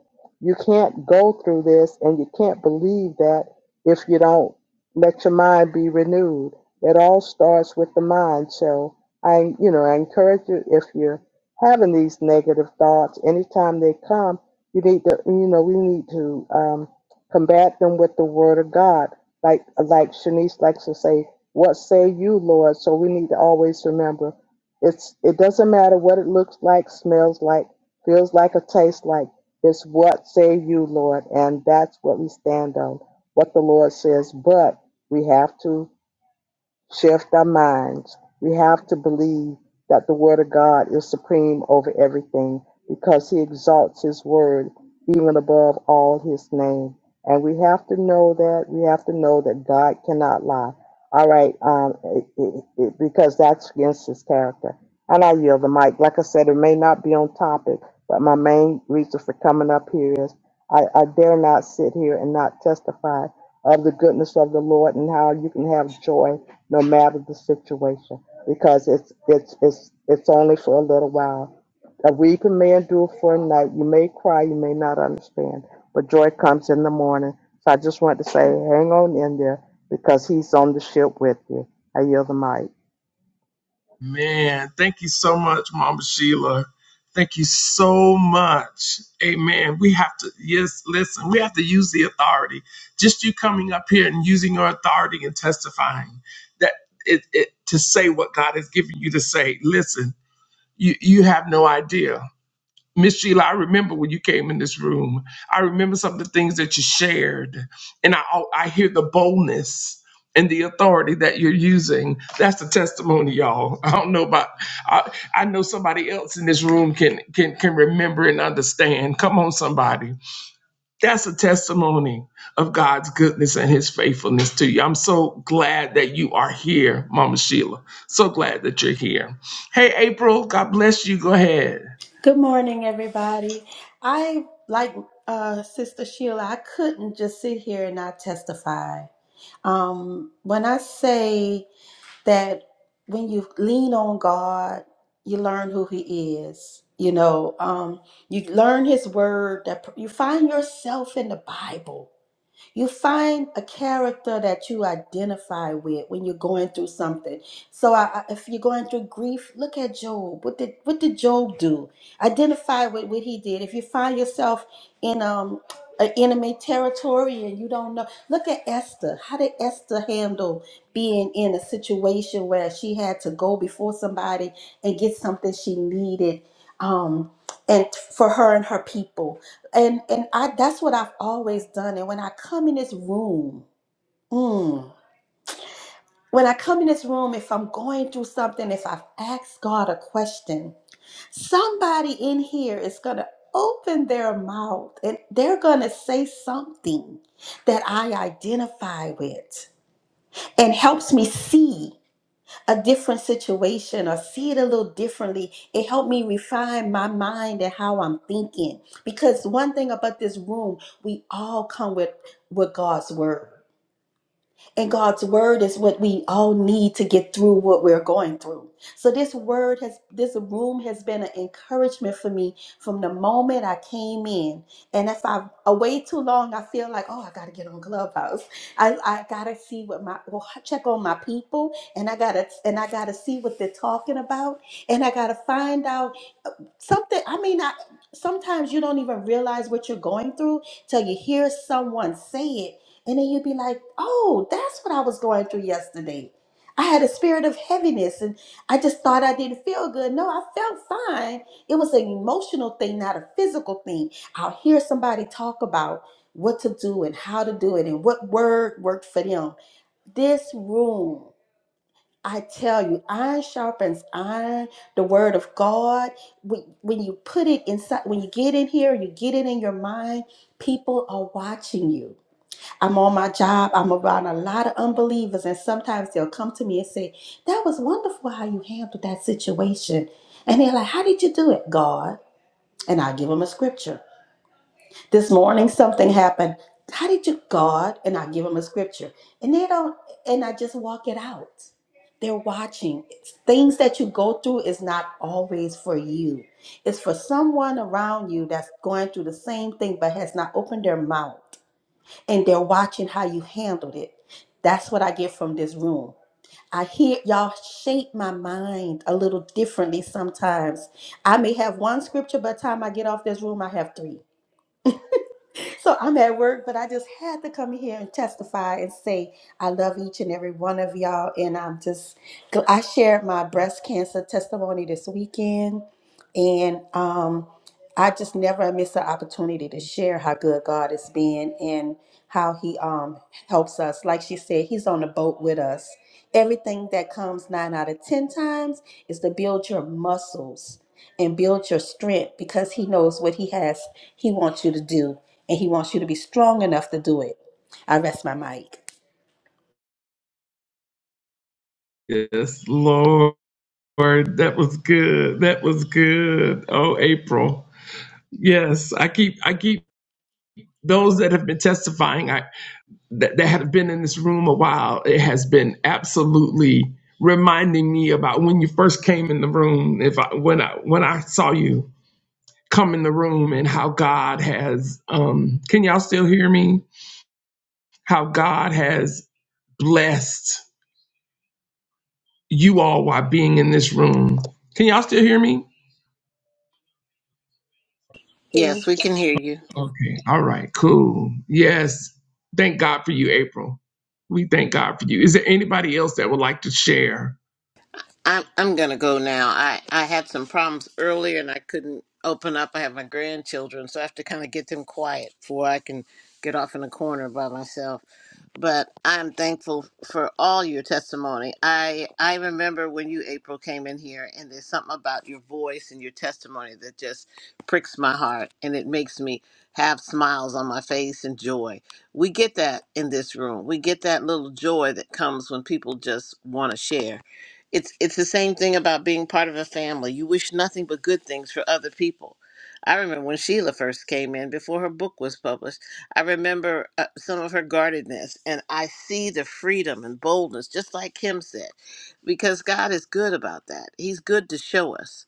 you can't go through this and you can't believe that if you don't let your mind be renewed. It all starts with the mind, so I, you know, I encourage you if you're having these negative thoughts, anytime they come, you need to, you know, we need to um, combat them with the Word of God. Like, like Shanice likes to say, "What say you, Lord?" So we need to always remember, it's it doesn't matter what it looks like, smells like, feels like, or tastes like. It's what say you, Lord, and that's what we stand on. What the Lord says, but we have to shift our minds. We have to believe that the Word of God is supreme over everything because He exalts His Word even above all His name. And we have to know that. We have to know that God cannot lie. All right, um, it, it, it, because that's against His character. And I yield the mic. Like I said, it may not be on topic, but my main reason for coming up here is I, I dare not sit here and not testify of the goodness of the Lord and how you can have joy no matter the situation, because it's it's it's it's only for a little while. A weeping may endure for a night. You may cry, you may not understand, but joy comes in the morning. So I just want to say, hang on in there, because He's on the ship with you. I yield the mic. Man, thank you so much, Mama Sheila. Thank you so much. Amen. We have to, yes, listen, we have to use the authority. Just you coming up here and using your authority and testifying that it, it to say what God has given you to say. Listen, you, you have no idea. Miss Sheila, I remember when you came in this room. I remember some of the things that you shared, and I I hear the boldness and the authority that you're using. That's the testimony, y'all. I don't know about I, I know somebody else in this room can can can remember and understand. Come on, somebody. That's a testimony of God's goodness and His faithfulness to you. I'm so glad that you are here, Mama Sheila. So glad that you're here. Hey, April. God bless you. Go ahead. Good morning, everybody. I, like uh, Sister Sheila, I couldn't just sit here and not testify. Um, when I say that when you lean on God, you learn who He is. You know, um, you learn His Word. That you find yourself in the Bible. You find a character that you identify with when you're going through something. So, I, I- if you're going through grief, look at Job. What did what did Job do? Identify with what he did. If you find yourself in um an enemy territory and you don't know, look at Esther. How did Esther handle being in a situation where she had to go before somebody and get something she needed? Um, and for her and her people and and I that's what I've always done. And when I come in this room, mm, when I come in this room, if I'm going through something, if I've asked God a question, somebody in here is gonna open their mouth and they're gonna say something that I identify with and helps me see. a different situation or see it a little differently. It helped me refine my mind and how I'm thinking. Because one thing about this room, we all come with with God's word. And God's word is what we all need to get through what we're going through. So this word has this room has been an encouragement for me from the moment I came in. And if I away too long, I feel like, oh, I gotta get on Clubhouse. I, I gotta see what my well, I check on my people and I gotta and I gotta see what they're talking about. And I gotta find out something i mean I, sometimes you don't even realize what you're going through till you hear someone say it and then you'd be like oh that's what i was going through yesterday i had a spirit of heaviness and i just thought i didn't feel good no i felt fine it was an emotional thing not a physical thing i'll hear somebody talk about what to do and how to do it and what word worked for them this room I tell you, iron sharpens iron. The word of God, when, when you put it inside, when you get in here, you get it in your mind, people are watching you. I'm on my job, I'm around a lot of unbelievers, and sometimes they'll come to me and say, That was wonderful how you handled that situation. And they're like, How did you do it, God? And I give them a scripture this morning something happened. How did you God? And I give them a scripture. And they don't and I just walk it out. They're watching. It's- things that you go through is not always for you. It's for someone around you that's going through the same thing but has not opened their mouth. And they're watching how you handled it. That's what I get from this room. I hear y'all shape my mind a little differently sometimes. I may have one scripture by the time I get off this room, I have three. so I'm at work, but I just had to come here and testify and say I love each and every one of y'all. And I'm just, gl- I shared my breast cancer testimony this weekend, and um, I just never miss an opportunity to share how good God has been and how He um helps us. Like she said, He's on the boat with us. Everything that comes nine out of ten times is to build your muscles and build your strength because He knows what He has, He wants you to do, and He wants you to be strong enough to do it. I rest my mic. Yes, Lord. Word, that was good. That was good. Oh, April. Yes, I keep I keep those that have been testifying I that, that have been in this room a while. It has been absolutely reminding me about when you first came in the room. If I when I when I saw you come in the room and how God has um can y'all still hear me? How God has blessed you all while being in this room. Can y'all still hear me? Yeah. Yes, we can hear you. Okay. All right. Cool. Yes. Thank God for you, April. We thank God for you. Is there anybody else that would like to share? I'm I'm gonna go now. I I had some problems earlier and I couldn't open up. I have my grandchildren, so I have to kind of get them quiet before I can get off in a corner by myself. But I'm thankful for all your testimony. I I remember when you April came in here, and there's something about your voice and your testimony that just pricks my heart, and it makes me have smiles on my face and joy. We get that in this room. We get that little joy that comes when people just want to share it's it's the same thing about being part of a family. You wish nothing but good things for other people. I remember when Sheila first came in before her book was published. I remember uh, some of her guardedness, and I see the freedom and boldness, just like Kim said, because God is good about that. He's good to show us.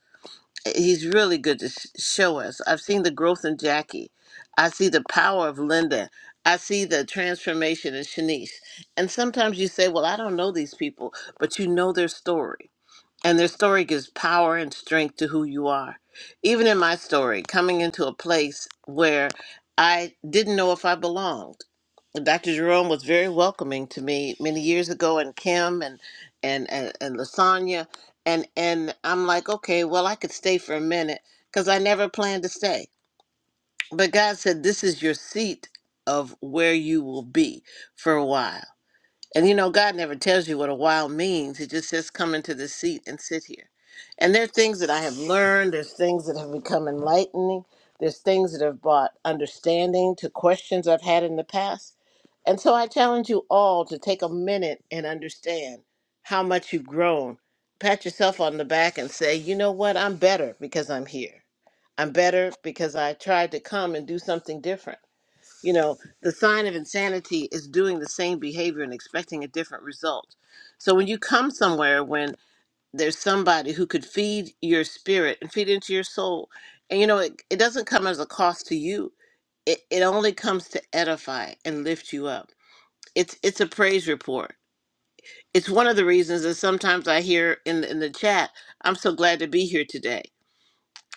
He's really good to sh- show us. I've seen the growth in Jackie. I see the power of Linda. I see the transformation in Shanice. And sometimes you say, "Well, I don't know these people," but you know their story and their story gives power and strength to who you are. Even in my story, coming into a place where I didn't know if I belonged. Dr. Jerome was very welcoming to me many years ago, and Kim and and and, and Lasagna, and and I'm like, okay, well, I could stay for a minute because I never planned to stay. But God said, this is your seat of where you will be for a while. And you know, God never tells you what a while means. He just says, come into the seat and sit here. And there are things that I have learned, there's things that have become enlightening, there's things that have brought understanding to questions I've had in the past. And so I challenge you all to take a minute and understand how much you've grown. Pat yourself on the back and say, you know what? I'm better because I'm here. I'm better because I tried to come and do something different. You know, the sign of insanity is doing the same behavior and expecting a different result. So when you come somewhere when there's somebody who could feed your spirit and feed into your soul, and you know, it, it doesn't come as a cost to you. It, it only comes to edify and lift you up. It's it's a praise report. It's one of the reasons that sometimes I hear in the- in the chat, "I'm so glad to be here today."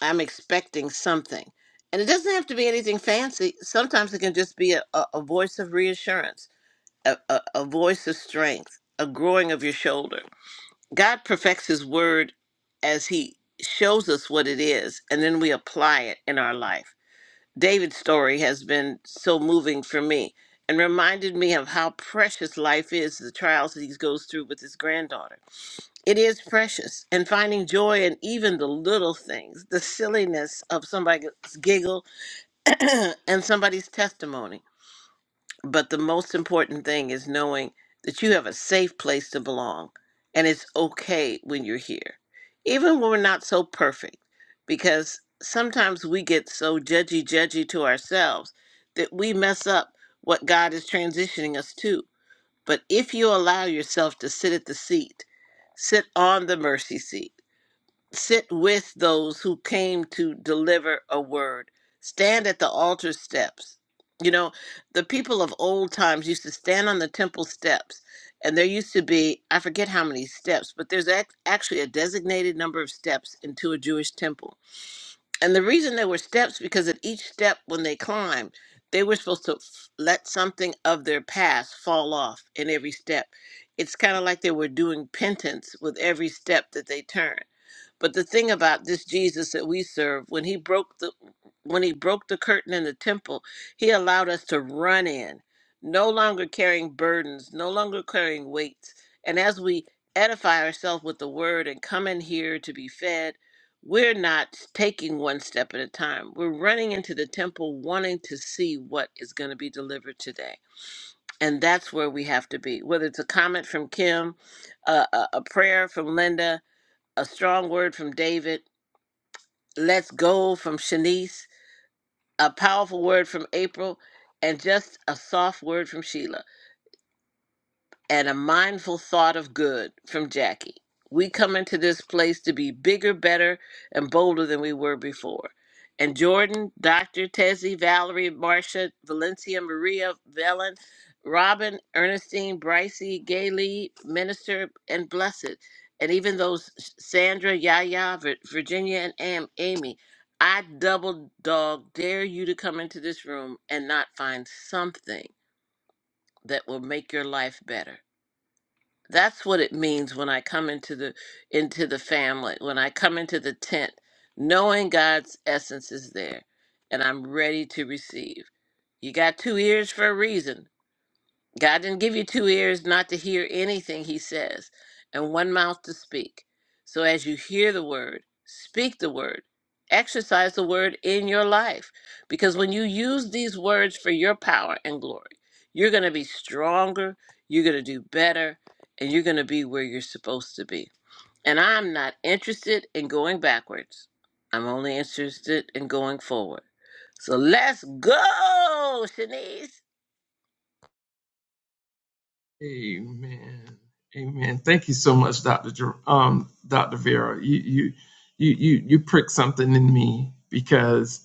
I'm expecting something. And it doesn't have to be anything fancy. Sometimes it can just be a, a, a voice of reassurance, a, a, a voice of strength, a growing of your shoulder. God perfects His word as He shows us what it is, and then we apply it in our life. David's story has been so moving for me and reminded me of how precious life is, the trials that he goes through with his granddaughter it is precious. And finding joy in even the little things, the silliness of somebody's giggle and somebody's testimony. But the most important thing is knowing that you have a safe place to belong and it's okay when you're here, even when we're not so perfect, because sometimes we get so judgy, judgy to ourselves that we mess up what God is transitioning us to. But if you allow yourself to sit at the seat, sit on the mercy seat sit with those who came to deliver a word. Stand at the altar steps. You know, the people of old times used to stand on the temple steps, and there used to be, I forget how many steps, but there's ac- actually a designated number of steps into a Jewish temple and the reason there were steps because at each step when they climbed, they were supposed to f- let something of their past fall off in every step. It's kind of like they were doing penance with every step that they turned. But the thing about this Jesus that we serve, when he broke the when he broke the curtain in the temple, he allowed us to run in, no longer carrying burdens, no longer carrying weights. And as we edify ourselves with the word and come in here to be fed, we're not taking one step at a time. We're running into the temple wanting to see what is going to be delivered today. And that's where we have to be. Whether it's a comment from Kim, a, a, a prayer from Linda, a strong word from David, let's go from Shanice, a powerful word from April, and just a soft word from Sheila and a mindful thought of good from Jackie. We come into this place to be bigger, better, and bolder than we were before. And Jordan, Dr. Tezzy, Valerie, Marcia, Valencia, Maria, Velen, Robin, Ernestine, Brycey, Gayle, Minister, and Blessed, and even those Sandra, Yaya, Vir- Virginia, and Am- Amy, I double dog dare you to come into this room and not find something that will make your life better that's what it means when i come into the into the family when i come into the tent knowing god's essence is there and i'm ready to receive you got two ears for a reason God didn't give you two ears not to hear anything he says, and one mouth to speak. So as you hear the word, speak the word, exercise the word in your life. Because when you use these words for your power and glory, you're going to be stronger, you're going to do better, and you're going to be where you're supposed to be. And I'm not interested in going backwards, I'm only interested in going forward. So let's go, Shanice. Amen. Amen. Thank you so much, Dr. Jer- um, Dr. Vera. You you you you you pricked something in me because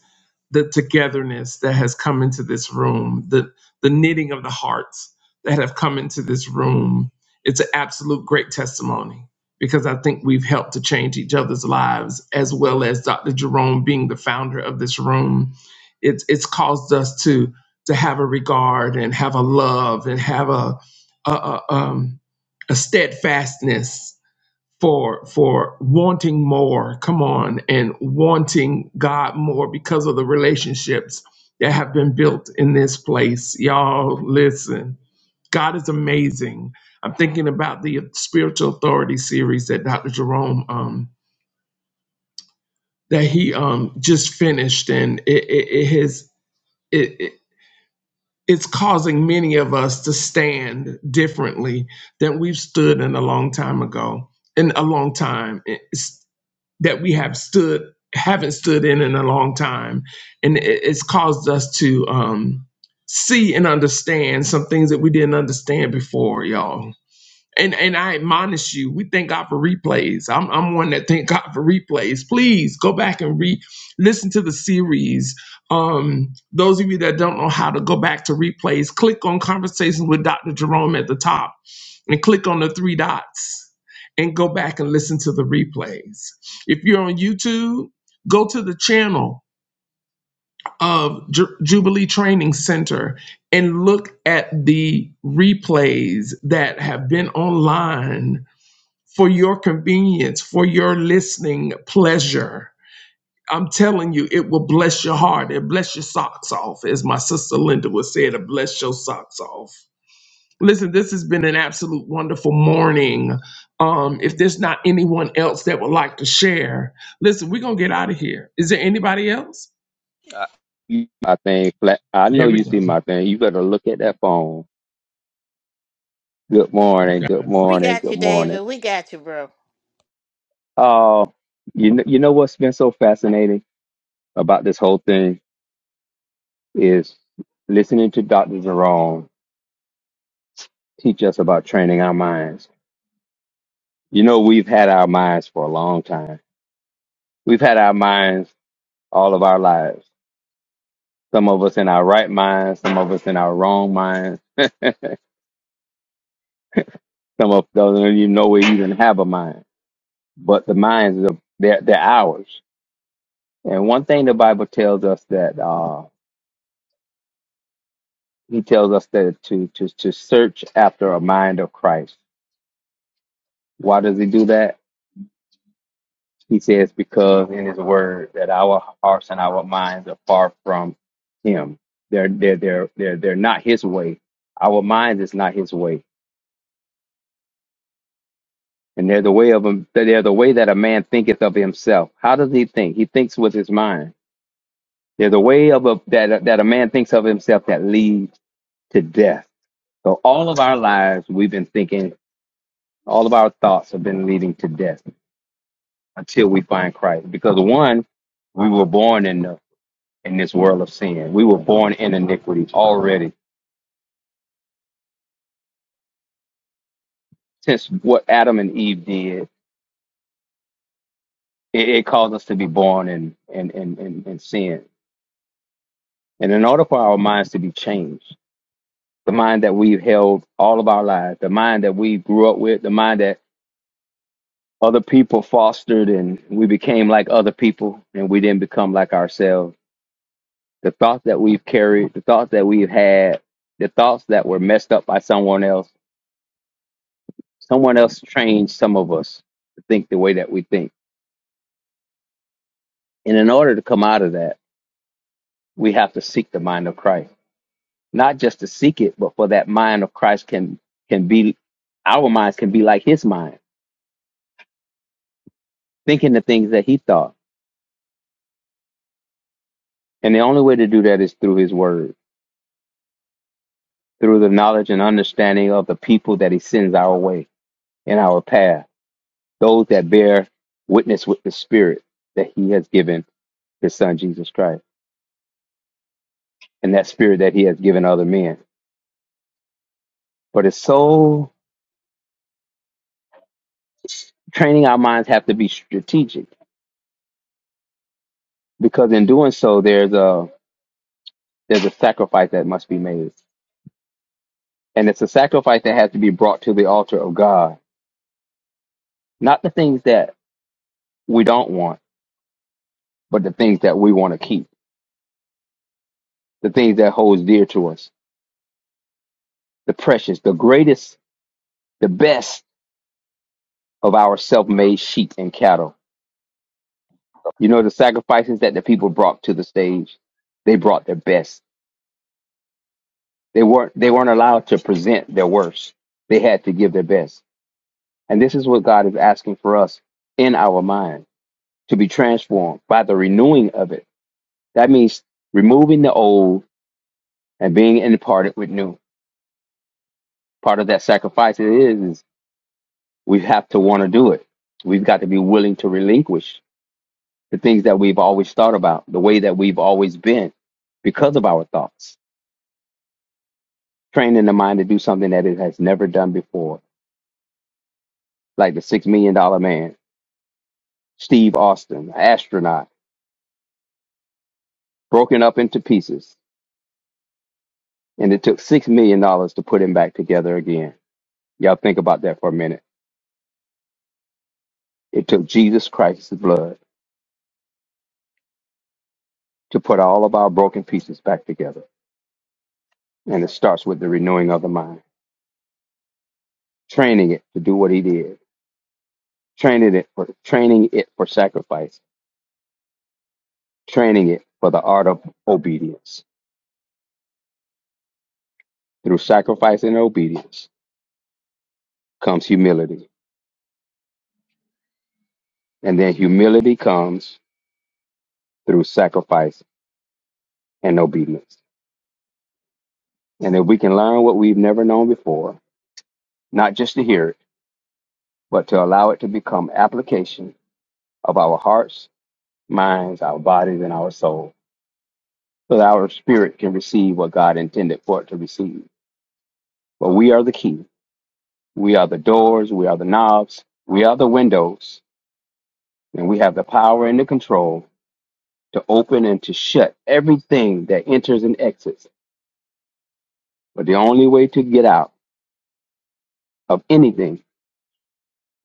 the togetherness that has come into this room, the the knitting of the hearts that have come into this room. It's an absolute great testimony because I think we've helped to change each other's lives, as well as Dr. Jerome being the founder of this room. It's it's caused us to to have a regard and have a love and have a a, a, um, a steadfastness for for wanting more come on and wanting god more because of the relationships that have been built in this place y'all listen god is amazing i'm thinking about the spiritual authority series that dr jerome um that he um just finished and it it, it has it, it it's causing many of us to stand differently than we've stood in a long time ago in a long time that we have stood haven't stood in in a long time and it- it's caused us to um see and understand some things that we didn't understand before y'all and and I admonish you, we thank God for replays. I'm I'm one that thank God for replays. Please go back and re listen to the series. Um, those of you that don't know how to go back to replays, click on conversations with Dr. Jerome at the top and click on the three dots and go back and listen to the replays. If you're on YouTube, go to the channel of Ju- Jubilee Training Center and look at the replays that have been online for your convenience, for your listening pleasure. I'm telling you, it will bless your heart. It bless your socks off, as my sister Linda would say. It bless your socks off. Listen, this has been an absolute wonderful morning. Um, if there's not anyone else that would like to share, listen, we're gonna get out of here. Is there anybody else? I, you see my thing flat. I know Here we you see my thing. You better look at that phone. Good morning. Good go. We morning. got Good you, morning. David. We got you, bro. Oh, you know, you know what's been so fascinating about this whole thing is listening to Dr. Jerome teach us about training our minds. You know, we've had our minds for a long time. We've had our minds all of our lives. Some of us in our right minds, some of us in our wrong minds, some of us don't even know we even have a mind. But the minds, they're, they're ours And one thing the Bible tells us that uh, he tells us that to, to to search after a mind of Christ. Why does he do that? He says because in his word that our hearts and our minds are far from him. They're they're they're they're they're not his way. Our mind is not his way. And they're the way of him they're the way that a man thinketh of himself. How does he think? He thinks with his mind. They're the way of a, that that a man thinks of himself that leads to death. So all of our lives, we've been thinking All of our thoughts have been leading to death until we find Christ. Because one, we were born in the, in this world of sin. We were born in iniquity already. Since what Adam and Eve did, it, it caused us to be born in, in, in, in, in sin. And in order for our minds to be changed, the mind that we've held all of our lives, the mind that we grew up with, the mind that other people fostered and we became like other people and we didn't become like ourselves the thoughts that we've carried, the thoughts that we've had, the thoughts that were messed up by someone else. Someone else trained some of us to think the way that we think. And in order to come out of that, we have to seek the mind of Christ. Not just to seek it, but for that mind of Christ can can be our minds can be like his mind, thinking the things that he thought. And the only way to do that is through his word, through the knowledge and understanding of the people that he sends our way in our path those that bear witness with the spirit that he has given his son Jesus Christ and that spirit that he has given other men. But it's so training our minds have to be strategic because in doing so there's a there's a sacrifice that must be made. And it's a sacrifice that has to be brought to the altar of God. Not the things that we don't want, but the things that we want to keep, the things that holds dear to us, the precious, the greatest, the best of our self-made sheep and cattle You know the sacrifices that the people brought to the stage. They brought their best. They weren't they weren't allowed to present their worst. They had to give their best. And this is what God is asking for us in our mind to be transformed by the renewing of it. That means removing the old and being imparted with new. Part of that sacrifice it is, is we have to want to do it. We've got to be willing to relinquish the things that we've always thought about, the way that we've always been because of our thoughts training the mind to do something that it has never done before, like the six million dollar man, Steve Austin, astronaut, broken up into pieces, and it took six million dollars to put him back together again. Y'all think about that for a minute. It took Jesus Christ's blood to put all of our broken pieces back together, and it starts with the renewing of the mind, training it to do what He did, training it for training it for sacrifice, training it for the art of obedience. Through sacrifice and obedience comes humility And then humility comes through sacrifice and obedience. And if we can learn what we've never known before, not just to hear it, but to allow it to become application of our hearts, minds, our bodies, and our soul, so that our spirit can receive what God intended for it to receive. But we are the key. We are the doors. We are the knobs. We are the windows. And we have the power and the control to open and to shut everything that enters and exits. But the only way to get out of anything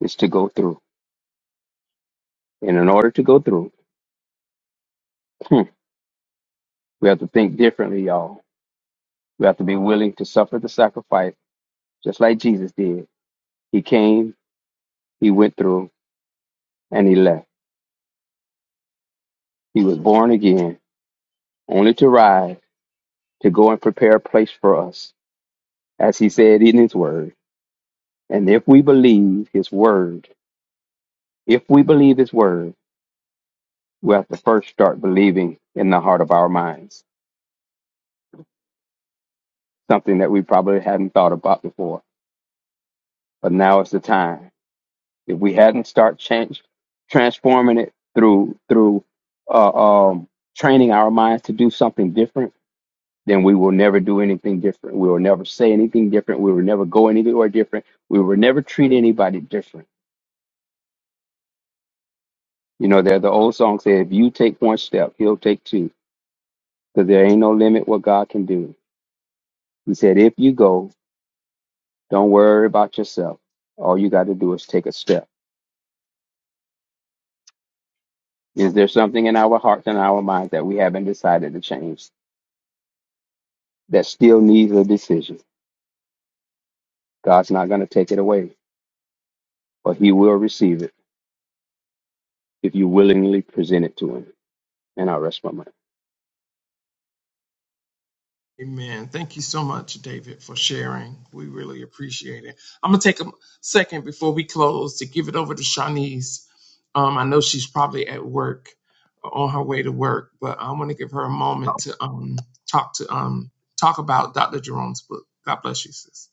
is to go through. And in order to go through, hmm, we have to think differently, y'all. We have to be willing to suffer the sacrifice, just like Jesus did. He came, he went through, and he left. He was born again, only to rise, to go and prepare a place for us, as he said in his word. And if we believe his word, if we believe his word, we have to first start believing in the heart of our minds, something that we probably hadn't thought about before. But now is the time. If we hadn't start change, transforming it through through uh, um, training our minds to do something different, then we will never do anything different. We will never say anything different. We will never go anywhere different. We will never treat anybody different. You know, there the old song said, "If you take one step, he'll take two, because there ain't no limit what God can do." He said, "If you go, don't worry about yourself. All you got to do is take a step." Is there something in our hearts and our minds that we haven't decided to change? that still needs a decision. God's not going to take it away, but He will receive it if you willingly present it to Him. And I rest my mind. Amen. Thank you so much, David, for sharing. We really appreciate it. I'm going to take a second before we close to give it over to Shanice. Um, I know she's probably at work, on her way to work, but I want to give her a moment to um, talk to um, talk about Dr. Jerome's book. God bless you, sis.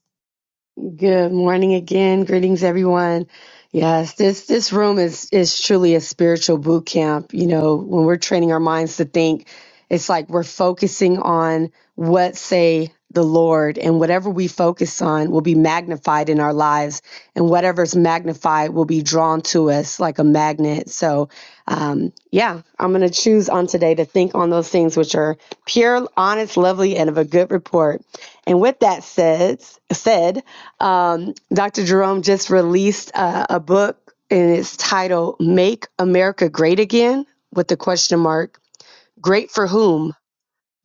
Good morning again. Greetings, everyone. Yes, this this room is is truly a spiritual boot camp. You know, when we're training our minds to think, it's like we're focusing on what say the Lord, and whatever we focus on will be magnified in our lives, and whatever's magnified will be drawn to us like a magnet. So, um, yeah, I'm gonna choose on today to think on those things which are pure, honest, lovely, and of a good report. And with that said, said um, Dr. Jerome just released uh, a book, and it's titled "Make America Great Again" with the question mark. Great for whom?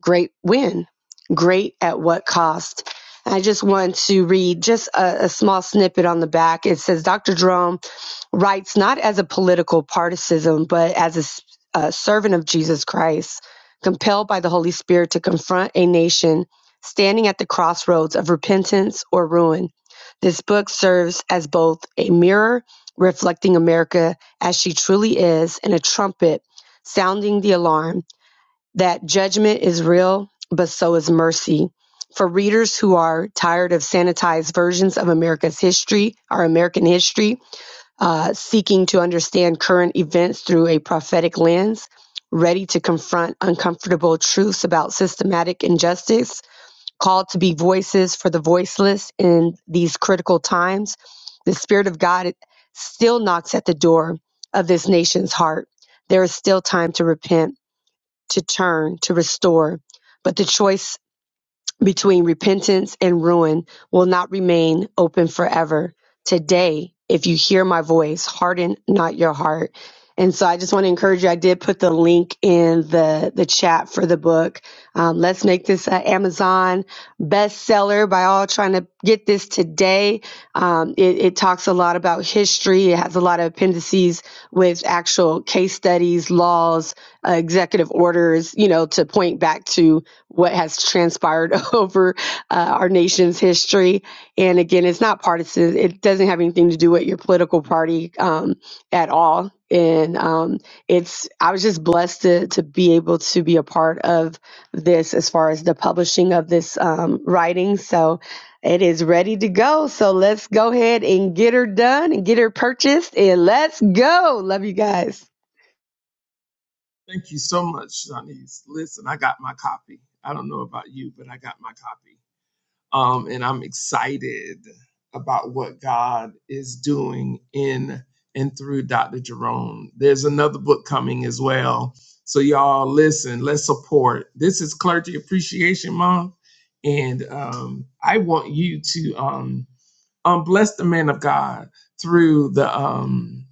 Great when? Great at what cost? I just want to read just a, a small snippet on the back. It says, Dr. Jerome rights not as a political partisan, but as a a servant of Jesus Christ, compelled by the Holy Spirit to confront a nation standing at the crossroads of repentance or ruin. This book serves as both a mirror reflecting America as she truly is and a trumpet sounding the alarm that judgment is real, but so is mercy. For readers who are tired of sanitized versions of America's history, our American history, uh, seeking to understand current events through a prophetic lens, ready to confront uncomfortable truths about systematic injustice, called to be voices for the voiceless in these critical times. The Spirit of God still knocks at the door of this nation's heart. There is still time to repent, to turn, to restore. But the choice between repentance and ruin will not remain open forever. Today, if you hear my voice, harden not your heart. And so I just want to encourage you. I did put the link in the, the chat for the book. Um, let's make this an Amazon bestseller by all trying to get this today. Um, it, it talks a lot about history. It has a lot of appendices with actual case studies, laws, uh, executive orders, you know, to point back to what has transpired over uh, our nation's history. And again, it's not partisan. It doesn't have anything to do with your political party um, at all. And um, it's I was just blessed to to be able to be a part of this as far as the publishing of this um, writing. So it is ready to go. So let's go ahead and get her done and get her purchased and let's go. Love you guys. Thank you so much, Shanice. Listen, I got my copy. I don't know about you, but I got my copy. Um, and I'm excited about what God is doing in and through Dr. Jerome. There's another book coming as well. So, y'all, listen, let's support. This is Clergy Appreciation Month. And um, I want you to um, um, bless the man of God through the, um,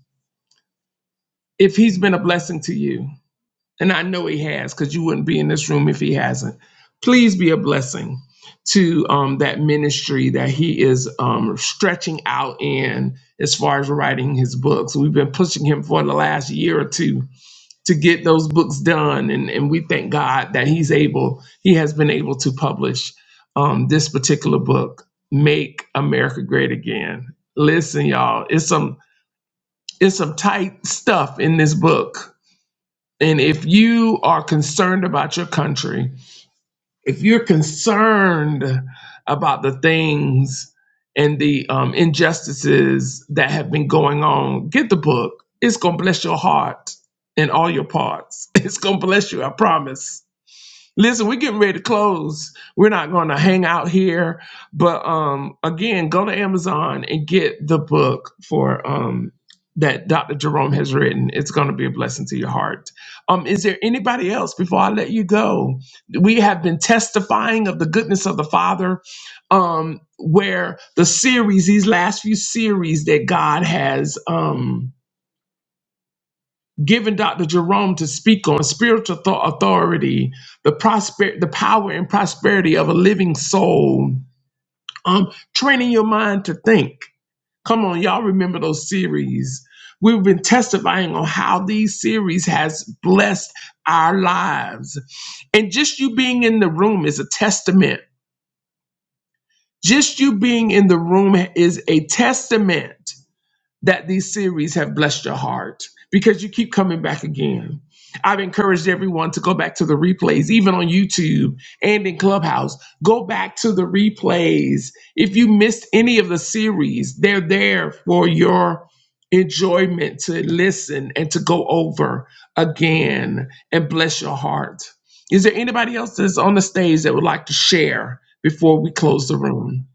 if he's been a blessing to you and I know he has because you wouldn't be in this room if he hasn't. Please be a blessing to um, that ministry that he is um, stretching out in as far as writing his books. We've been pushing him for the last year or two to get those books done, and, and we thank God that he's able, he has been able to publish um, this particular book, Make America Great Again. Listen, y'all, it's some it's some tight stuff in this book and if you are concerned about your country, if you're concerned about the things and the um, injustices that have been going on, get the book. It's going to bless your heart in all your parts. It's going to bless you, I promise. Listen, we're getting ready to close. We're not going to hang out here, but um, again, go to Amazon and get the book for um that Dr. Jerome has written. It's going to be a blessing to your heart. Um, is there anybody else before I let you go? We have been testifying of the goodness of the Father. Um, where the series, these last few series that God has um Giving Dr. Jerome to speak on spiritual thought authority, the prosper the power and prosperity of a living soul. Um, training your mind to think. Come on, y'all remember those series. We've been testifying on how these series has blessed our lives. And just you being in the room is a testament. Just you being in the room is a testament that these series have blessed your heart because you keep coming back again. I've encouraged everyone to go back to the replays, even on YouTube and in Clubhouse. Go back to the replays. If you missed any of the series, they're there for your enjoyment to listen and to go over again and bless your heart. Is there anybody else that's on the stage that would like to share before we close the room?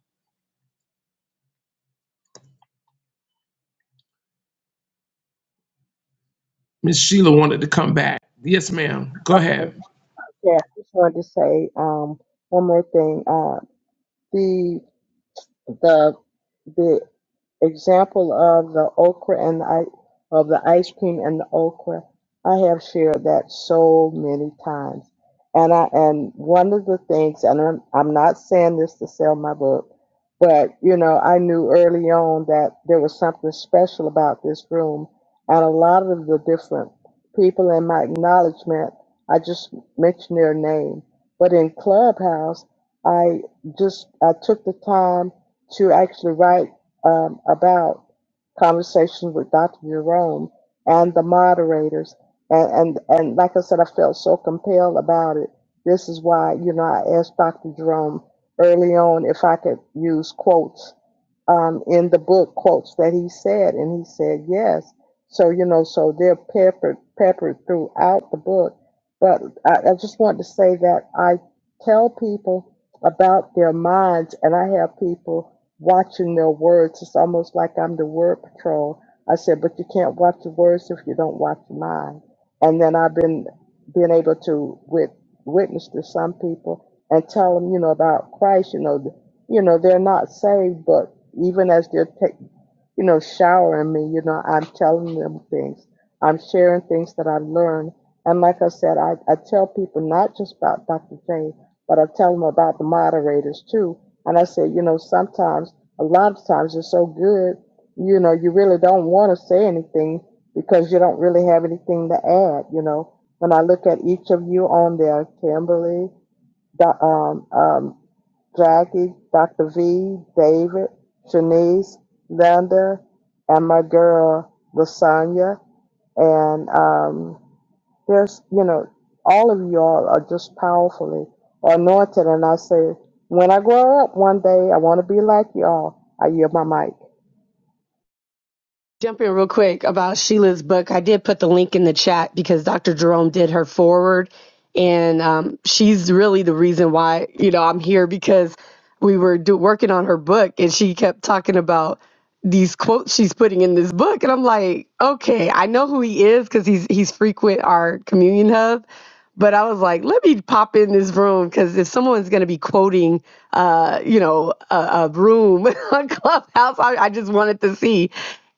Miss Sheila wanted to come back. Yes, ma'am. Go Okay. ahead. Yeah, I just wanted to say um, one more thing. Uh, the the the example of the okra and the i- of the ice cream and the okra. I have shared that so many times, and I and one of the things, and I'm I'm not saying this to sell my book, but you know I knew early on that there was something special about this room, and a lot of the different people in my acknowledgement, I just mentioned their name, but in Clubhouse, I just I took the time to actually write um, about conversation with Dr. Jerome and the moderators. And, and, and like I said, I felt so compelled about it. This is why, you know, I asked Dr. Jerome early on if I could use quotes um, in the book quotes that he said, and he said yes. So you know, so they're peppered peppered throughout the book. But I, I just want to say that I tell people about their minds, and I have people watching their words. It's almost like I'm the word patrol. I said, but you can't watch your words if you don't watch your mind. And then I've been being able to with, witness to some people and tell them, you know, about Christ. You know, you know, they're not saved, but even as they're take, you know, showering me, you know, I'm telling them things. I'm sharing things that I've learned. And like I said, I, I tell people not just about Dr. Jane, but I tell them about the moderators too. And I say, you know, sometimes, a lot of times you're so good, you know, you really don't want to say anything because you don't really have anything to add, you know. When I look at each of you on there, Kimberly, do- um, um, Jackie, Dr. V, David, Shanice, Linda, and my girl Lasagna. And um, there's, you know, all of you all are just powerfully anointed. And I say, when I grow up one day, I want to be like y'all. I yield my mic. jump in real quick about Sheila's book. I did put the link in the chat because Dr. Jerome did her forward, and um, she's really the reason why you know I'm here because we were do, working on her book, and she kept talking about these quotes she's putting in this book, and I'm like, okay, I know who he is because he's he's frequent our communion hub. But I was like, let me pop in this room because if someone's going to be quoting, uh, you know, a, a room on Clubhouse, I, I just wanted to see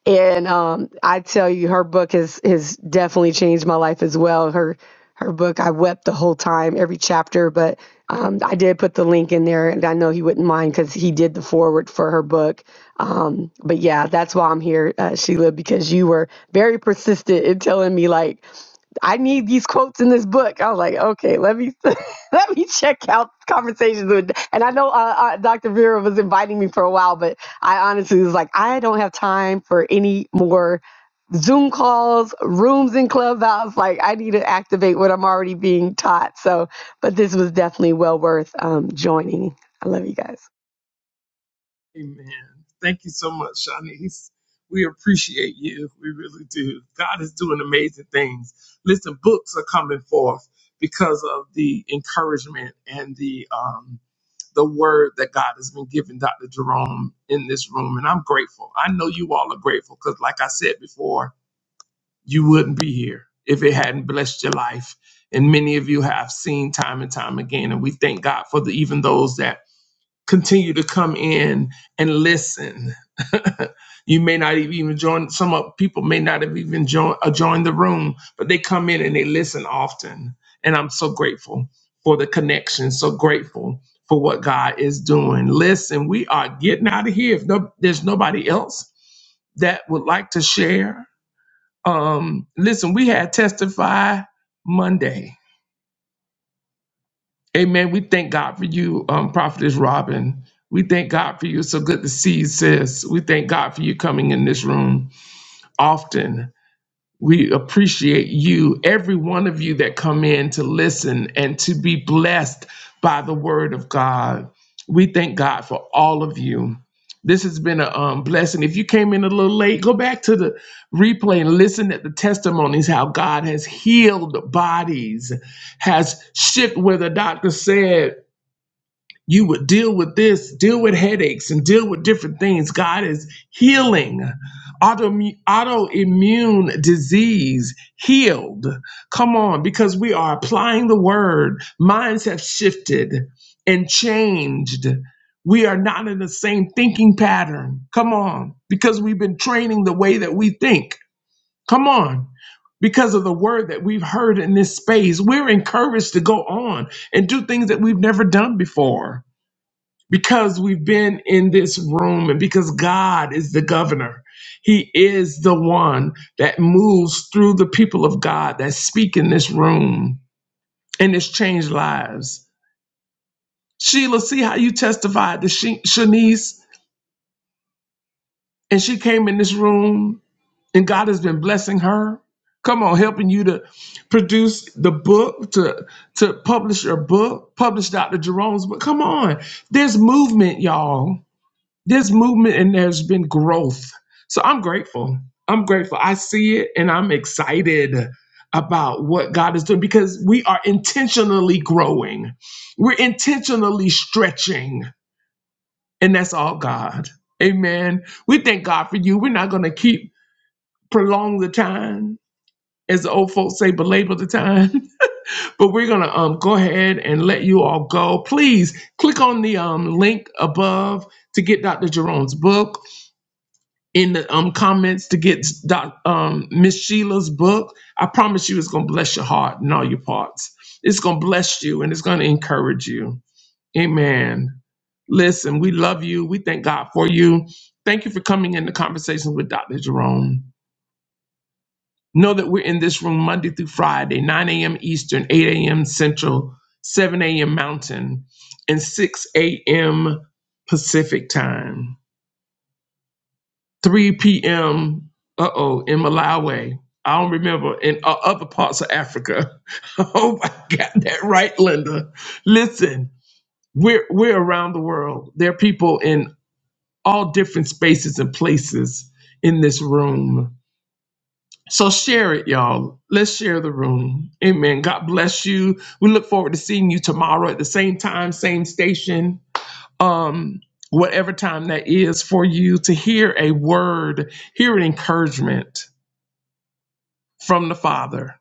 and um, I tell you, her book has has definitely changed my life as well. Her her book, I wept the whole time, every chapter. But um, I did put the link in there, and I know he wouldn't mind because he did the forward for her book. Um, but yeah, that's why I'm here, uh, Sheila, because you were very persistent in telling me like I need these quotes in this book. I was like, okay, let me let me check out conversations with. And I know uh, uh, Dr. Vera was inviting me for a while, but I honestly was like, I don't have time for any more Zoom calls, rooms in Clubhouse. Like, I need to activate what I'm already being taught. So, but this was definitely well worth um, joining. I love you guys. Amen. Thank you so much, Shanice. We appreciate you. We really do. God is doing amazing things. Listen, books are coming forth because of the encouragement and the um, the word that God has been giving Dr. Jerome in this room, and I'm grateful. I know you all are grateful because, like I said before, you wouldn't be here if it hadn't blessed your life. And many of you have seen time and time again, and we thank God for the even those that continue to come in and listen. you may not have even join. Some of- people may not have even joined uh, joined the room, but they come in and they listen often. And I'm so grateful for the connection. So grateful for what God is doing. Listen, we are getting out of here. If no, there's nobody else that would like to share, um, listen, we had testify Monday Amen. We thank God for you, um, Prophetess Robin. We thank God for you. It's so good to see you, sis. We thank God for you coming in this room often. We appreciate you, every one of you that come in to listen and to be blessed by the word of God. We thank God for all of you. This has been a um, blessing. If you came in a little late, go back to the replay and listen at the testimonies how God has healed bodies, has shipped where the doctor said you would deal with this, deal with headaches, and deal with different things. God is healing autoimmune, autoimmune disease, healed. Come on, because we are applying the word. Minds have shifted and changed. We are not in the same thinking pattern. Come on, because we've been training the way that we think. Come on. Because of the word that we've heard in this space, we're encouraged to go on and do things that we've never done before because we've been in this room and because God is the governor. He is the one that moves through the people of God that speak in this room and it's changed lives. Sheila, see how you testified to she, Shanice and she came in this room and God has been blessing her. Come on, helping you to produce the book, to to publish your book, publish Dr. Jerome's book. Come on, there's movement, y'all This movement and there's been growth. So I'm grateful. I'm grateful. I see it and I'm excited about what God is doing because we are intentionally growing. We're intentionally stretching and that's all God. Amen. We thank God for you. We're not going to keep prolong the time as the old folks say belabor the time, but we're going to um go ahead and let you all go. Please click on the um link above to get Dr. Jerome's book in the um comments to get Doc um Miss Sheila's book. I promise you, it's gonna bless your heart and all your parts. It's gonna bless you and it's gonna encourage you. Amen. Listen, we love you. We thank God for you. Thank you for coming into conversation with Dr. Jerome. Know that we're in this room Monday through Friday, 9 a.m. Eastern, 8 a.m. Central, 7 a.m. Mountain, and 6 a.m. Pacific time. 3 p.m. Uh oh, in Malawi. I don't remember in uh, other parts of Africa. I hope I got that right, Linda. Listen, we're we're around the world. There are people in all different spaces and places in this room. So share it, y'all. Let's share the room. Amen. God bless you. We look forward to seeing you tomorrow at the same time, same station um, whatever time that is for you to hear a word, hear an encouragement from the Father.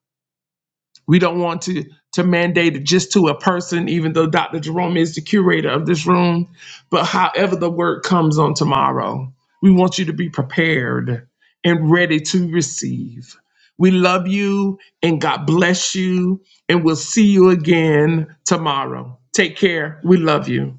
We don't want to to mandate it just to a person, even though Dr. Jerome is the curator of this room. But however the word comes on tomorrow, we want you to be prepared and ready to receive. We love you and God bless you, and we'll see you again tomorrow. Take care. We love you.